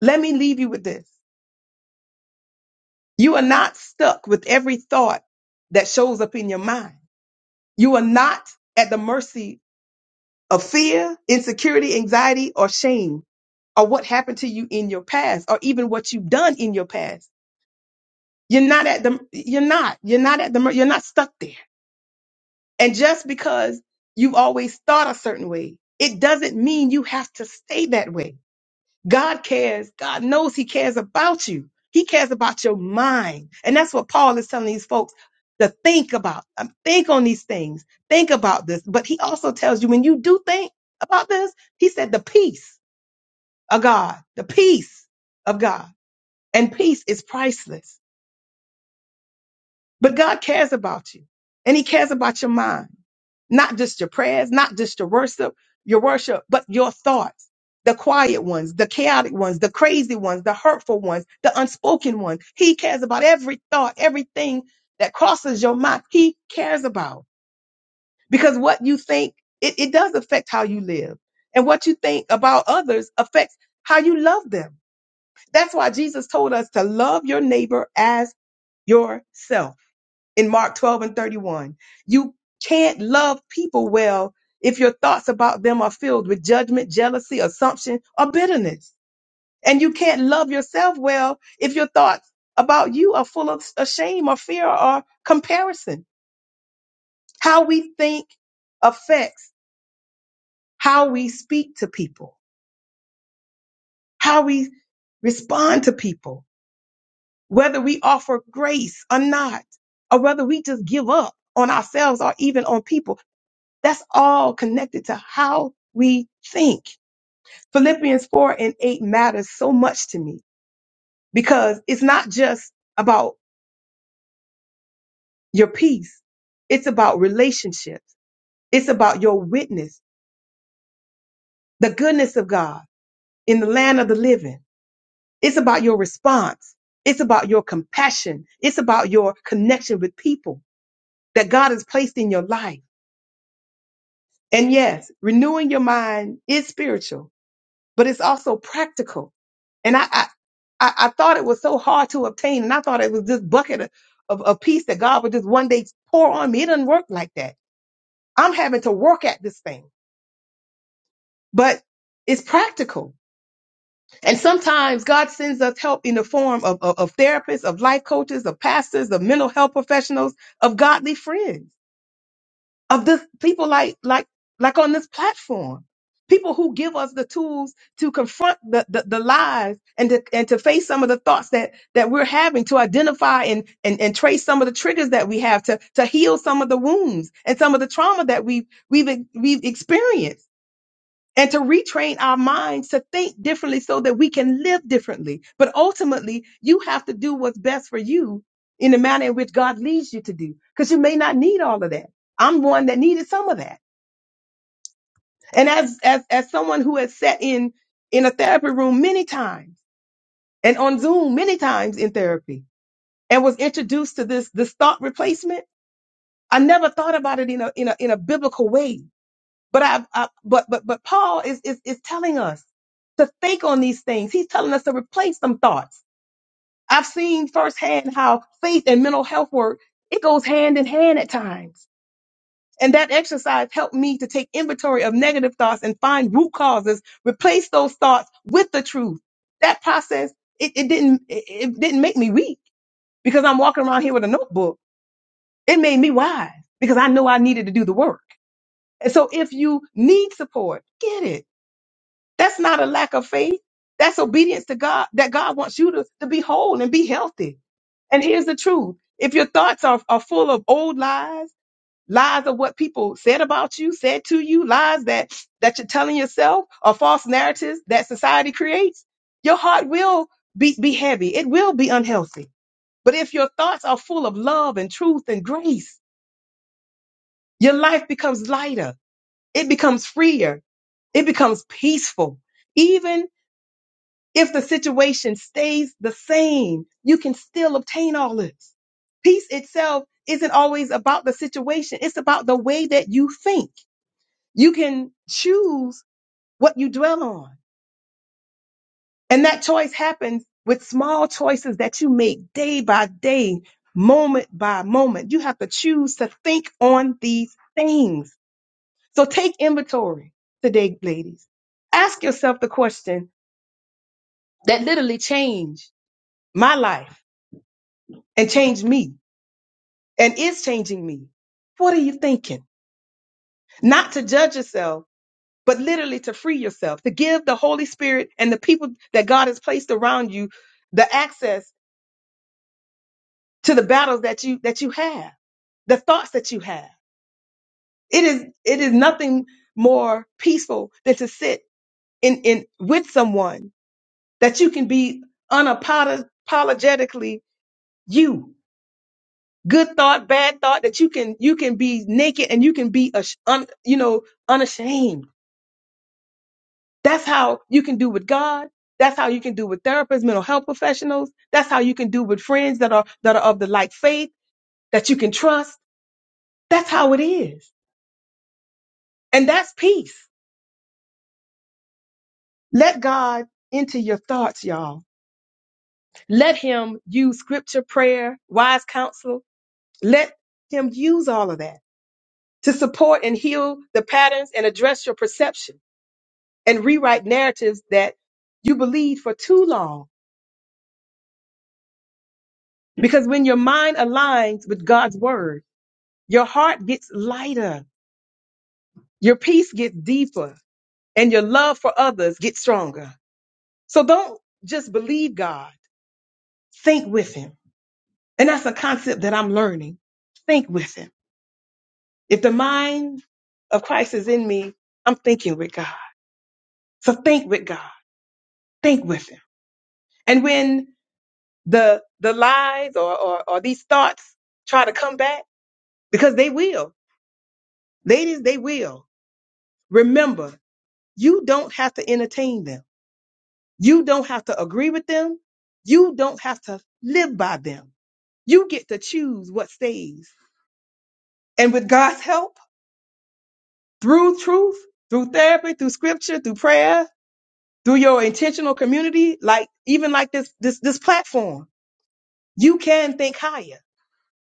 let me leave you with this. You are not stuck with every thought that shows up in your mind. You are not at the mercy of fear, insecurity, anxiety, or shame, or what happened to you in your past, or even what you've done in your past. You're not at the, you're not, you're not at the, mer- you're not stuck there. And just because you've always thought a certain way, it doesn't mean you have to stay that way. God cares. God knows He cares about you. He cares about your mind. And that's what Paul is telling these folks to think about. Um, Think on these things. Think about this. But he also tells you when you do think about this, he said the peace of God, the peace of God. And peace is priceless. But God cares about you and He cares about your mind. not just your prayers, not just your worship, your worship, but your thoughts. The quiet ones, the chaotic ones, the crazy ones, the hurtful ones, the unspoken ones. He cares about every thought, everything that crosses your mind. He cares about because what you think, it, it does affect how you live and what you think about others affects how you love them. That's why Jesus told us to love your neighbor as yourself in Mark 12 and 31. You can't love people well if your thoughts about them are filled with judgment, jealousy, assumption, or bitterness. And you can't love yourself well if your thoughts about you are full of s- shame or fear or comparison. How we think affects how we speak to people, how we respond to people, whether we offer grace or not, or whether we just give up on ourselves or even on people. That's all connected to how we think. Philippians 4 and 8 matters so much to me because it's not just about your peace. It's about relationships. It's about your witness, the goodness of God in the land of the living. It's about your response. It's about your compassion. It's about your connection with people that God has placed in your life. And yes, renewing your mind is spiritual but it's also practical. And I, I, I I thought it was so hard to obtain, and I thought it was this bucket of, of, of peace that God would just one day pour on me. It doesn't work like that. I'm having to work at this thing, but it's practical. And sometimes God sends us help in the form of, of, of therapists, of life coaches, of pastors, of mental health professionals, of godly friends. of the people like like like on this platform people who give us the tools to confront the, the, the lies and to, and to face some of the thoughts that that we're having to identify and, and and trace some of the triggers that we have to to heal some of the wounds and some of the trauma that we we've we've experienced and to retrain our minds to think differently so that we can live differently. But ultimately, you have to do what's best for you in the manner in which God leads you to do, because you may not need all of that. I'm one that needed some of that. And as, as, as someone who has sat in, in a therapy room many times and on Zoom many times in therapy and was introduced to this, this thought replacement, I never thought about it in a, in a, in a biblical way But I've, I, but, but, but Paul is, is, is telling us to think on these things. He's telling us to replace some thoughts. I've seen firsthand how faith and mental health work, it goes hand in hand at times. And that exercise helped me to take inventory of negative thoughts and find root causes, replace those thoughts with the truth. That process, it, it didn't, it, it didn't make me weak because I'm walking around here with a notebook. It made me wise because I know I needed to do the work. And so if you need support, get it That's not a lack of faith. That's obedience to God, that God wants you to, to be whole and be healthy. And here's the truth. If your thoughts are, are full of old lies, lies of what people said about you, said to you, lies that, that you're telling yourself or false narratives that society creates, your heart will be, be heavy. It will be unhealthy. But if your thoughts are full of love and truth and grace, your life becomes lighter. It becomes freer. It becomes peaceful Even. If the situation stays the same, you can still obtain all this. Peace itself isn't always about the situation. It's about the way that you think. You can choose what you dwell on. And that choice happens with small choices that you make day by day, moment by moment. You have to choose to think on these things. So take inventory today, ladies. Ask yourself the question that literally changed my life and changed me and is changing me. What are you thinking? Not to judge yourself, but literally to free yourself, to give the Holy Spirit and the people that God has placed around you the access to the battles that you that you have, the thoughts that you have. It is it is nothing more peaceful than to sit in in with someone that you can be unapologetically you. Good thought, bad thought that you can you can be naked and you can be ash- un, you know unashamed That's how you can do with God. That's how you can do with therapists, mental health professionals. That's how you can do with friends that are that are of the like faith that you can trust. That's how it is. And that's peace. Let God into your thoughts, y'all. Let him use scripture, prayer, wise counsel. Let him use all of that to support and heal the patterns and address your perception and rewrite narratives that you believed for too long. Because when your mind aligns with God's word, Your heart gets lighter, your peace gets deeper, and your love for others gets stronger. So don't just believe God, think with Him. And that's a concept that I'm learning. Think with Him. If the mind of Christ is in me, I'm thinking with God. So think with God, think with Him. And when the the lies or, or, or these thoughts try to come back, because they will, ladies, they will. Remember, you don't have to entertain them. You don't have to agree with them. You don't have to live by them. You get to choose what stays. And with God's help, through truth, through therapy, through scripture, through prayer, through your intentional community, like even like this this this platform, you can think higher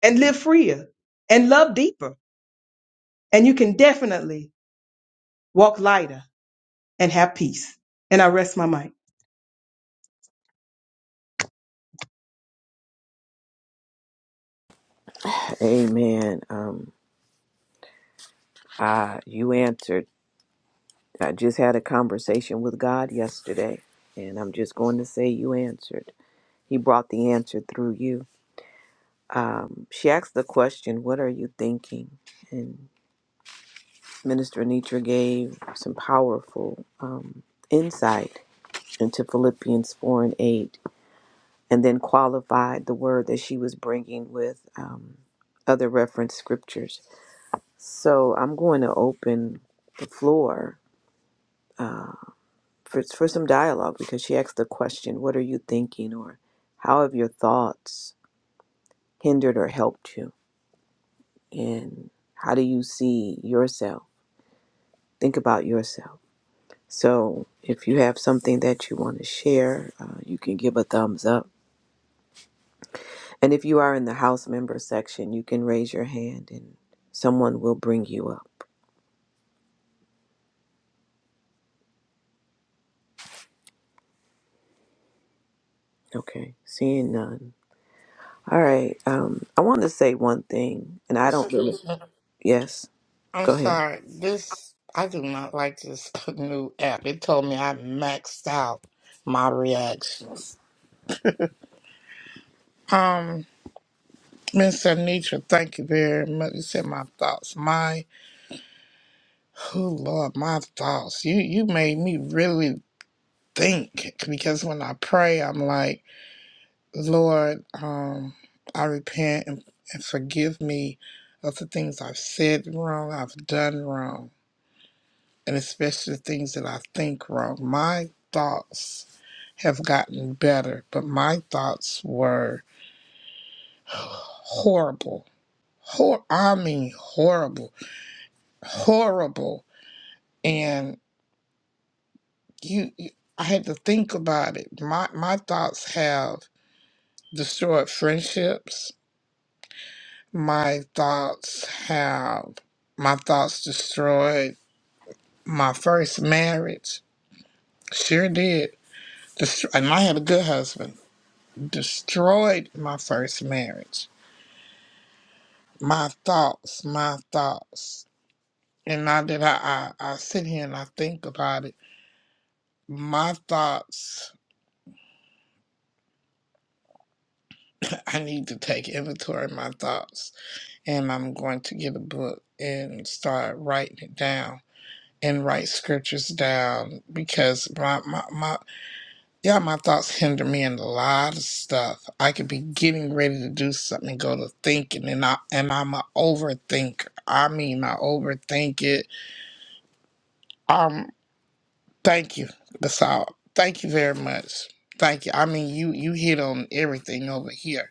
and live freer and love deeper. And you can definitely walk lighter and have peace. And I rest my mic. Amen. Um I you answered. I just had a conversation with God yesterday, and I'm just going to say you answered. He brought the answer through you. Um, she asked the question, What are you thinking? and Minister Anitra gave some powerful um, insight into Philippians 4 and 8, and then qualified the word that she was bringing with um, other reference scriptures. So I'm going to open the floor for, for some dialogue because she asked the question, What are you thinking? or How have your thoughts hindered or helped you? And how do you see yourself? Think about yourself. So if you have something that you want to share, uh, you can give a thumbs up. And if you are in the house member section, you can raise your hand and someone will bring you up. Okay, seeing none. All right, um, I want to say one thing, and I don't really. Excuse me. Yes, I'm go ahead. sorry. This I do not like this new app. It told me I maxed out my reaction. Um, Miss Anitra, thank you very much. You said my thoughts. Oh Lord, my thoughts. You you made me really think because when I pray, I'm like, Lord, um, I repent and, and forgive me of the things I've said wrong, I've done wrong, and especially the things that I think wrong. My thoughts have gotten better, but my thoughts were horrible. Hor- I mean horrible, horrible. you, you I had to think about it. My my thoughts have destroyed friendships. My thoughts have my thoughts destroyed my first marriage. Sure did. Destro- and I had a good husband. Destroyed my first marriage. My thoughts, my thoughts. And now that I, I, I sit here and I think about it, my thoughts, I need to take inventory of my thoughts and I'm going to get a book and start writing it down and write scriptures down because my, my, my yeah my thoughts hinder me in a lot of stuff. I could be getting ready to do something, and go to thinking, and I and I'm a overthinker. I mean, I overthink it. Um, thank you. That's all. Thank you very much. Thank you. I mean, you you hit on everything over here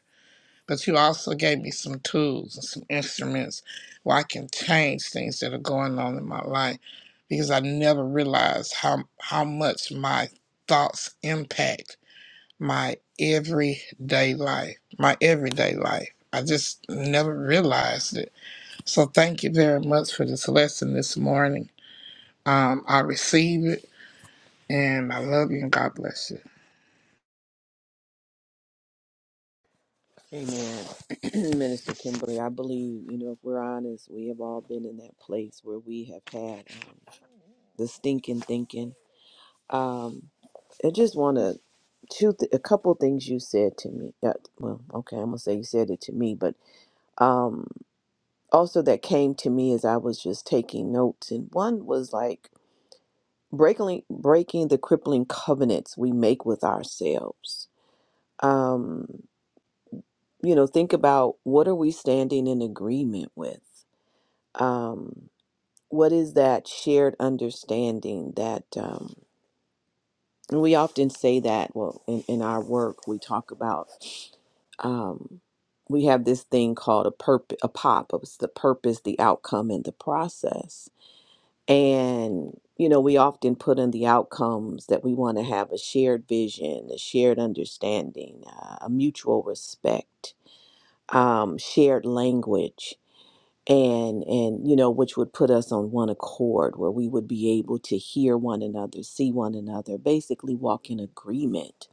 but you also gave me some tools and some instruments where I can change things that are going on in my life because I never realized how how much my thoughts impact my everyday life, my everyday life. I just never realized it. So thank you very much for this lesson this morning. Um, I receive it and I love you and God bless you. Amen. Minister Kimberly, I believe, you know, if we're honest, we have all been in that place where we have had um, the stinking thinking Um, I just want to two th- a couple things you said to me. Uh, well, okay, I'm gonna say you said it to me, but um, also that came to me as I was just taking notes, and one was like breaking breaking the crippling covenants we make with ourselves. Um, you know, think about what are we standing in agreement with. Um, what is that shared understanding that? Um, And we often say that, well, in, in our work, we talk about um, we have this thing called a purp a pop. It's the purpose, the outcome, and the process. And you know, we often put in the outcomes that we want to have a shared vision, a shared understanding, uh, a mutual respect, um, shared language and and you know which would put us on one accord where we would be able to hear one another see one another basically walk in agreement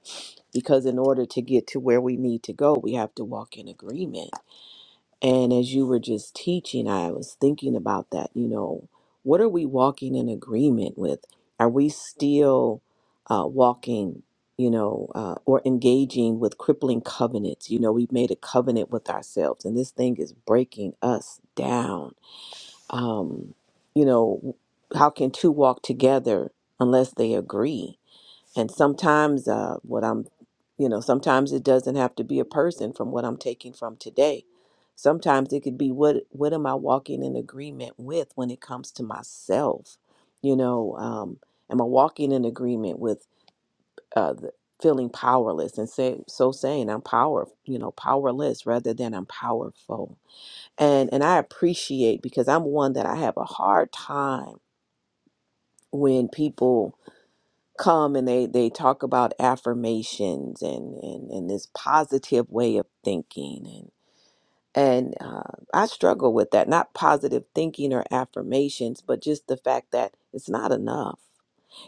because in order to get to where we need to go we have to walk in agreement and as you were just teaching i was thinking about that you know what are we walking in agreement with are we still uh, walking you know uh, or engaging with crippling covenants you know we've made a covenant with ourselves and this thing is breaking us down um, you know, how can two walk together unless they agree? And sometimes, uh, what I'm, you know, sometimes it doesn't have to be a person from what I'm taking from today. Sometimes it could be what what am I walking in agreement with when it comes to myself? You know, um, am I walking in agreement with uh, the, feeling powerless and say so saying I'm power, you know, powerless rather than I'm powerful and and I appreciate because I'm one that I have a hard time when people come and they they talk about affirmations and and and this positive way of thinking and and uh, I struggle with that not positive thinking or affirmations but just the fact that it's not enough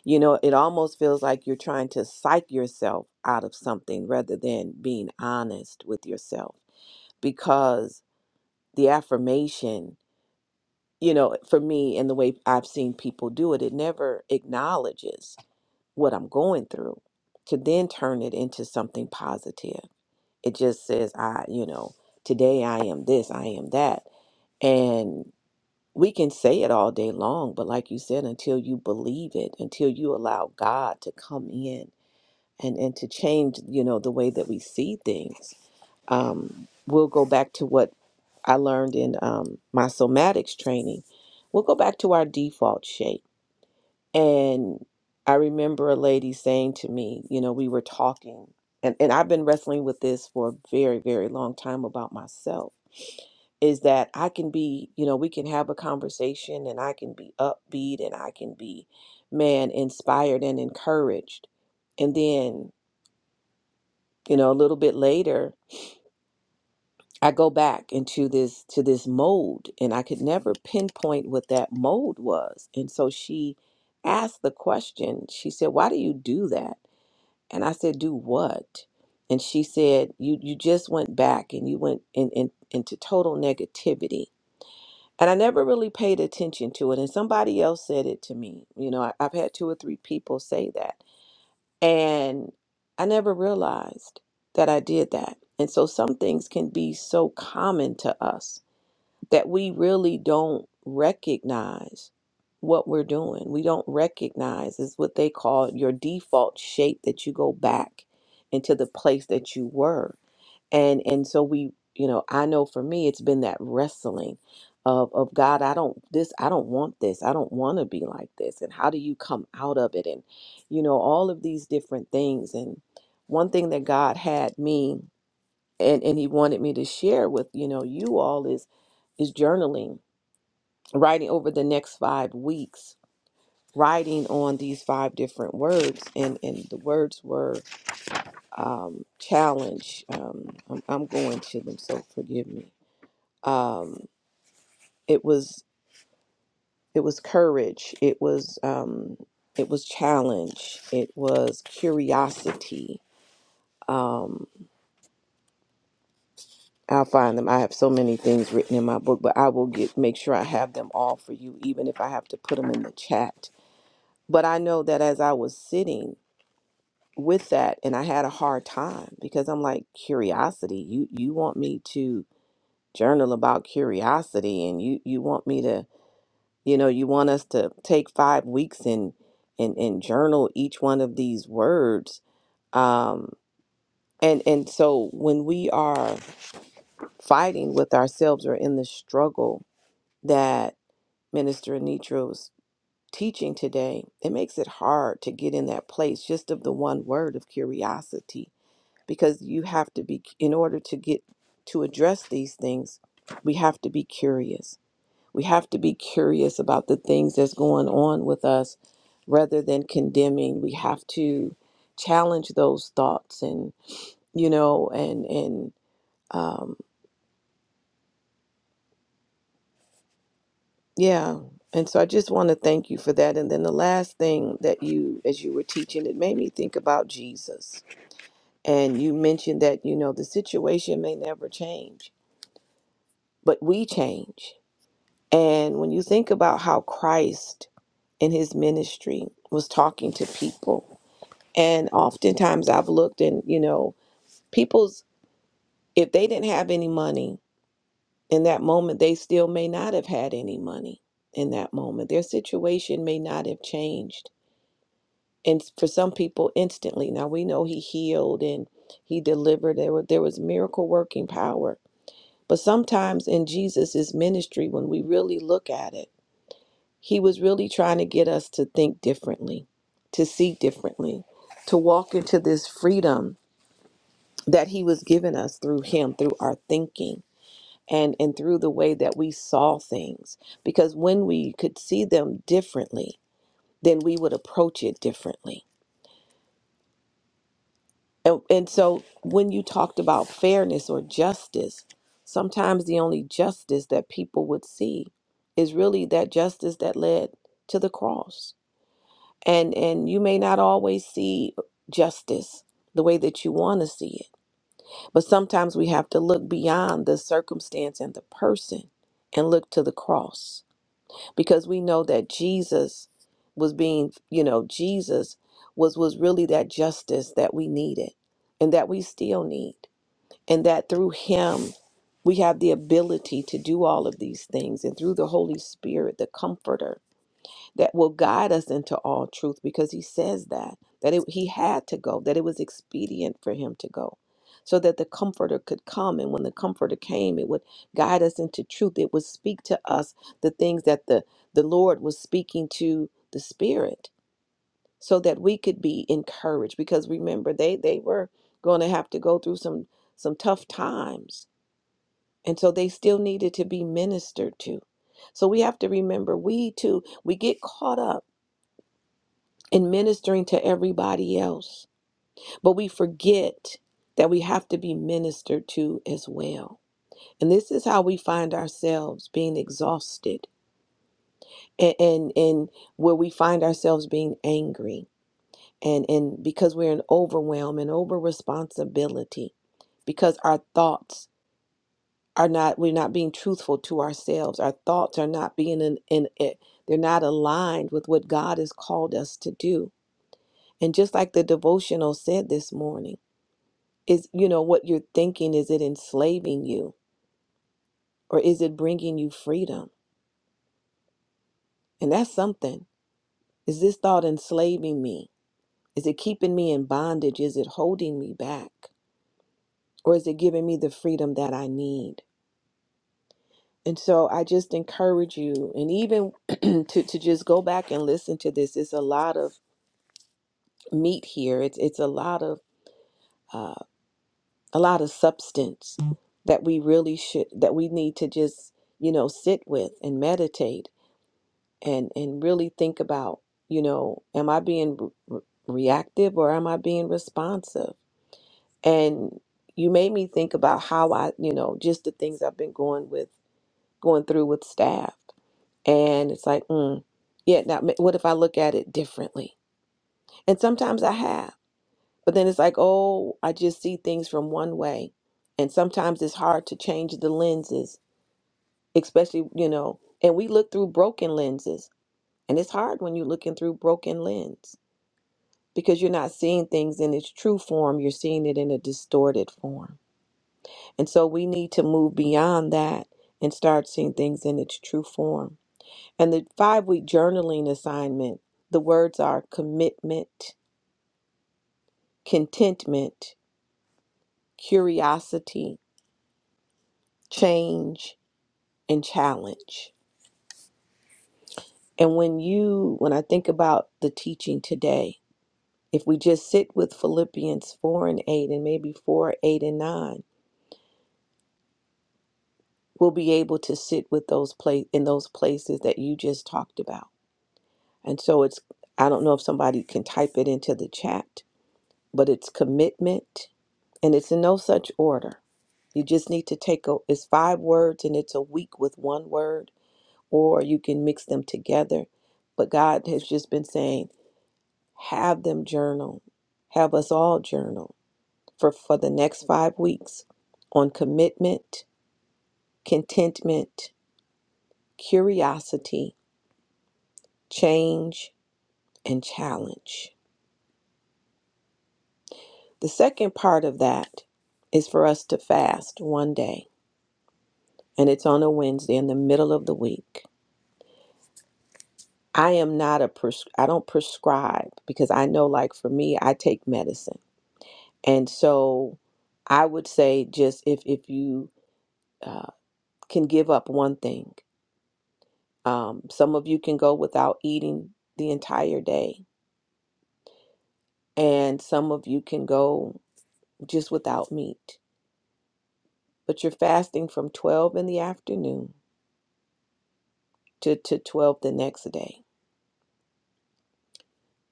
you know it almost feels like you're trying to psych yourself out of something rather than being honest with yourself because the affirmation you know, for me and the way I've seen people do it, it never acknowledges what I'm going through to then turn it into something positive. It just says, I, you know, today I am this, I am that. And we can say it all day long, but like you said, until you believe it, until you allow God to come in and, and to change, you know, the way that we see things, um, we'll go back to what I learned in um, my somatics training, we'll go back to our default shape. And I remember a lady saying to me, you know, we were talking, and, and I've been wrestling with this for a very, very long time about myself is that I can be, you know, we can have a conversation and I can be upbeat and I can be, man, inspired and encouraged. And then, you know, a little bit later, I go back into this to this mold and I could never pinpoint what that mold was. And so she asked the question. She said, "Why do you do that?" And I said, "Do what?" And she said, "You you just went back and you went in, in into total negativity." And I never really paid attention to it. And somebody else said it to me. You know, I, I've had two or three people say that. And I never realized that I did that. And so some things can be so common to us that we really don't recognize what we're doing. We don't recognize is what they call your default shape that you go back into the place that you were. And and so we, you know, I know for me it's been that wrestling of of God, I don't this I don't want this. I don't want to be like this. And how do you come out of it and you know all of these different things and one thing that God had me and and he wanted me to share with you know you all is is journaling writing over the next five weeks writing on these five different words and and the words were um challenge um i'm, I'm going to them so forgive me um it was it was courage it was um it was challenge it was curiosity um, I'll find them. I have so many things written in my book, but I will get make sure I have them all for you, even if I have to put them in the chat. But I know that as I was sitting with that, and I had a hard time because I'm like curiosity. You you want me to journal about curiosity, and you you want me to you know you want us to take five weeks and and and journal each one of these words. Um, and and so when we are fighting with ourselves or in the struggle that Minister Anitro's teaching today, it makes it hard to get in that place just of the one word of curiosity because you have to be, in order to get to address these things, we have to be curious. We have to be curious about the things that's going on with us rather than condemning. We have to challenge those thoughts and, you know, and, and, um, Yeah. And so I just want to thank you for that. And then the last thing that you, as you were teaching, it made me think about Jesus. And you mentioned that, you know, the situation may never change, but we change. And when you think about how Christ in his ministry was talking to people, and oftentimes I've looked and, you know, people's, if they didn't have any money in that moment, they still may not have had any money in that moment. Their situation may not have changed and for some people instantly now we know he healed and he delivered there, were, there was miracle working power but sometimes in jesus' ministry when we really look at it he was really trying to get us to think differently to see differently to walk into this freedom that he was giving us through him through our thinking and and through the way that we saw things because when we could see them differently then we would approach it differently And, and so when you talked about fairness or justice, sometimes the only justice that people would see is really that justice that led to the cross. And and you may not always see justice the way that you want to see it. But sometimes we have to look beyond the circumstance and the person and look to the cross because we know that Jesus was being, you know, Jesus was was really that justice that we needed and that we still need. And that through him we have the ability to do all of these things and through the Holy Spirit, the comforter, that will guide us into all truth because he says that that it, he had to go that it was expedient for him to go so that the comforter could come and when the comforter came it would guide us into truth it would speak to us the things that the the lord was speaking to the spirit so that we could be encouraged because remember they they were going to have to go through some some tough times and so they still needed to be ministered to so we have to remember we too we get caught up and ministering to everybody else. But we forget that we have to be ministered to as well. And this is how we find ourselves being exhausted and, and, and where we find ourselves being angry and, and because we're in overwhelm and over responsibility, because our thoughts are not we're not being truthful to ourselves. Our thoughts are not being in, in it. They're not aligned with what God has called us to do. And just like the devotional said this morning. is you know what you're thinking is it enslaving you or is it bringing you freedom and that's something is this thought enslaving me is it keeping me in bondage is it holding me back or is it giving me the freedom that i need and so i just encourage you and even to, to just go back and listen to this it's a lot of meat here it's it's a lot of uh, a lot of substance that we really should that we need to just you know sit with and meditate and and really think about you know am i being re- reactive or am i being responsive and you made me think about how i you know just the things i've been going with going through with staff and it's like mm, yeah now ma- what if i look at it differently and sometimes i have but then it's like oh i just see things from one way and sometimes it's hard to change the lenses especially you know and we look through broken lenses and it's hard when you're looking through broken lens because you're not seeing things in its true form, you're seeing it in a distorted form. And so we need to move beyond that and start seeing things in its true form. And the five week journaling assignment, the words are commitment, contentment, curiosity, change, and challenge. And when you, when I think about the teaching today, if we just sit with Philippians 4 and 8 and maybe 4, 8 and 9, will be able to sit with those place in those places that you just talked about. And so it's I don't know if somebody can type it into the chat, but it's commitment and it's in no such order. You just need to take a it's five words and it's a week with one word or you can mix them together. But God has just been saying have them journal. Have us all journal for for the next 5 weeks on commitment, contentment, curiosity, change, and challenge. The second part of that is for us to fast one day, and it's on a Wednesday in the middle of the week. I am not a pres- I don't prescribe because I know like for me I take medicine. And so I would say just if if you uh, can give up one thing. Um, some of you can go without eating the entire day and some of you can go just without meat but you're fasting from 12 in the afternoon to, to 12 the next day.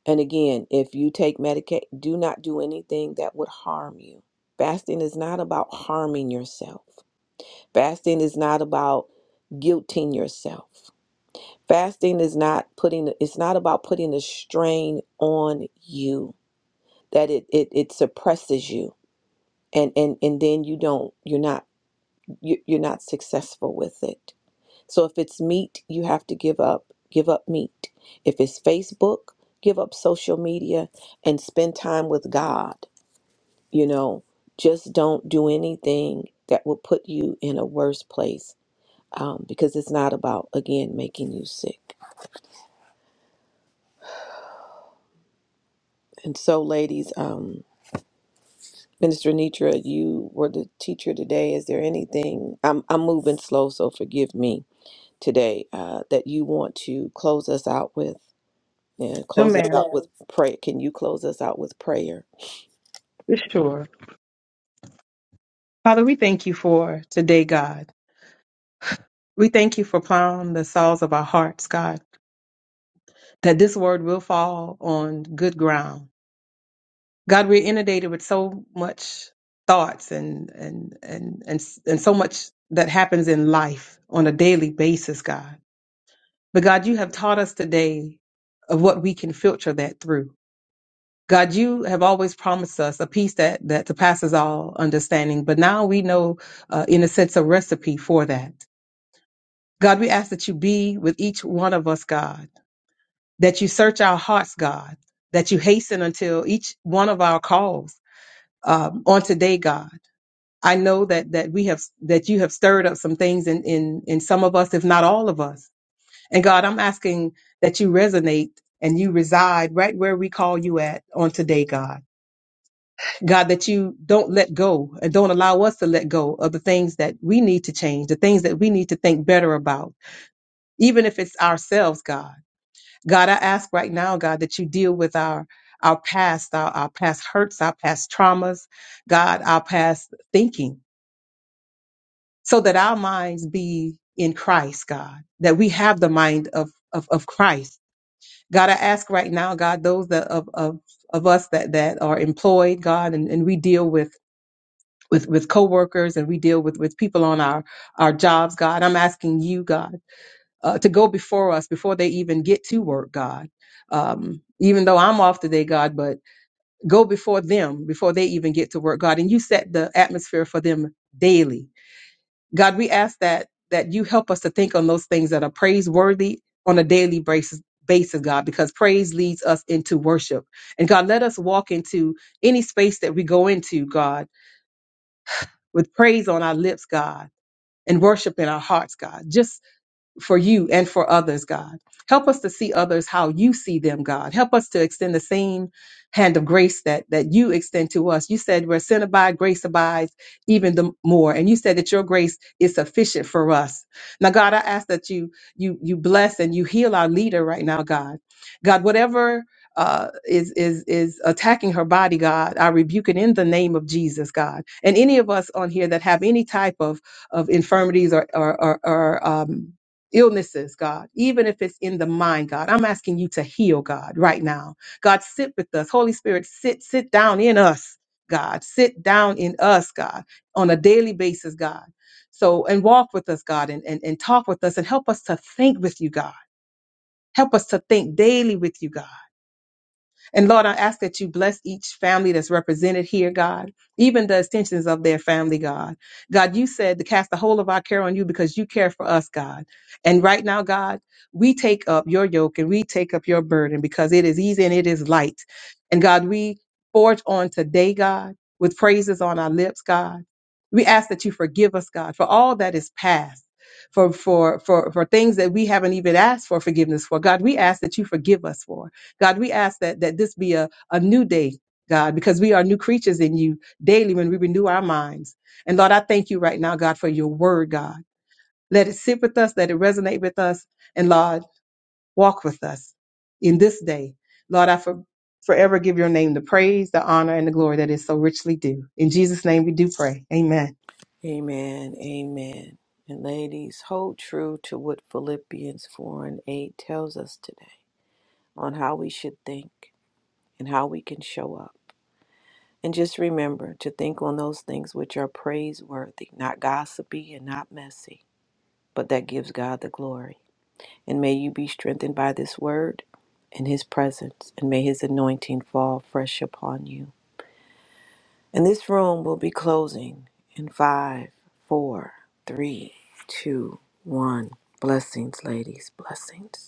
And again, if you take Medicaid, do not do anything that would harm you. Fasting is not about harming yourself, fasting is not about guilting yourself. Fasting is not putting it's not about putting a strain on you that it it, it suppresses you and, and and then you don't you're not you- you're not successful with it So if it's meat, you have to give up, give up meat. If it's Facebook, give up social media and spend time with God. You know, just don't do anything that will put you in a worse place um, because it's not about, again, making you sick. And so, ladies, um, Minister Nitra, you were the teacher today. Is there anything? I'm, I'm moving slow, so forgive me today uh, that you want to close us out with. and close us Amen. out with prayer. Can you close us out with prayer? For sure. Father, we thank you for today, God. We thank you for plowing the soils of our hearts, God, that this word will fall on good ground. God, we're inundated with so much thoughts and and and and, and so much that happens in life on a daily basis, God. But God, you have taught us today of what we can filter that through. God, you have always promised us a peace that that surpasses all understanding. But now we know, uh, in a sense, a recipe for that. God, we ask that you be with each one of us, God that you search our hearts, God, that you hasten until each one of our calls um, on today, God. I know that that we have that you have stirred up some things in in in some of us, if not all of us. And God, I'm asking that you resonate and you reside right where we call you at on today, God. God, that you don't let go and don't allow us to let go of the things that we need to change, the things that we need to think better about, even if it's ourselves, God God, I ask right now, God, that you deal with our our past, our, our past hurts, our past traumas, God, our past thinking, so that our minds be in Christ, God, that we have the mind of of, of Christ. God, I ask right now, God, those that of of, of us that that are employed, God, and, and we deal with with with coworkers and we deal with with people on our our jobs, God. I'm asking you, God. uh, to go before us before they even get to work, God. Um, even though I'm off today, God, but go before them before they even get to work, God. And you set the atmosphere for them daily, God. We ask that that you help us to think on those things that are praiseworthy on a daily basis. Basis, God, because praise leads us into worship. And God, let us walk into any space that we go into, God, with praise on our lips, God, and worship in our hearts, God. Just for you and for others, God. Help us to see others how you see them, God. Help us to extend the same hand of grace that that you extend to us. You said where sin abides, grace abides even the more. And you said that your grace is sufficient for us. Now, God, I ask that you you you bless and you heal our leader right now, God. God, whatever uh, is is is attacking her body, God. I rebuke it in the name of Jesus, God. And any of us on here that have any type of of infirmities or or or, or um, illnesses, God, even if it's in the mind, God. I'm asking you to heal, God, right now. God, sit with us. Holy Spirit, sit, sit down in us, God. Sit down in us, God, on a daily basis, God. So, and walk with us, God, and, and, and talk with us and help us to think with you, God. Help us to think daily with you, God. And Lord, I ask that you bless each family that's represented here, God, even the extensions of their family, God. God, you said to cast the whole of our care on you because you care for us, God. And right now, God, we take up your yoke and we take up your burden because it is easy and it is light. And God, we forge on today, God, with praises on our lips, God. We ask that you forgive us, God, for all that is past. For, for for for things that we haven't even asked for forgiveness for. God, we ask that you forgive us for. God, we ask that that this be a, a new day, God, because we are new creatures in you daily when we renew our minds. And Lord, I thank you right now, God, for your word, God. Let it sit with us, let it resonate with us, and Lord, walk with us in this day. Lord, I for, forever give your name the praise, the honor, and the glory that is so richly due. In Jesus' name we do pray. Amen. Amen. Amen. And ladies, hold true to what Philippians 4 and 8 tells us today on how we should think and how we can show up. And just remember to think on those things which are praiseworthy, not gossipy and not messy, but that gives God the glory. And may you be strengthened by this word and his presence. And may his anointing fall fresh upon you. And this room will be closing in five, four, three, two, one. Blessings, ladies. Blessings.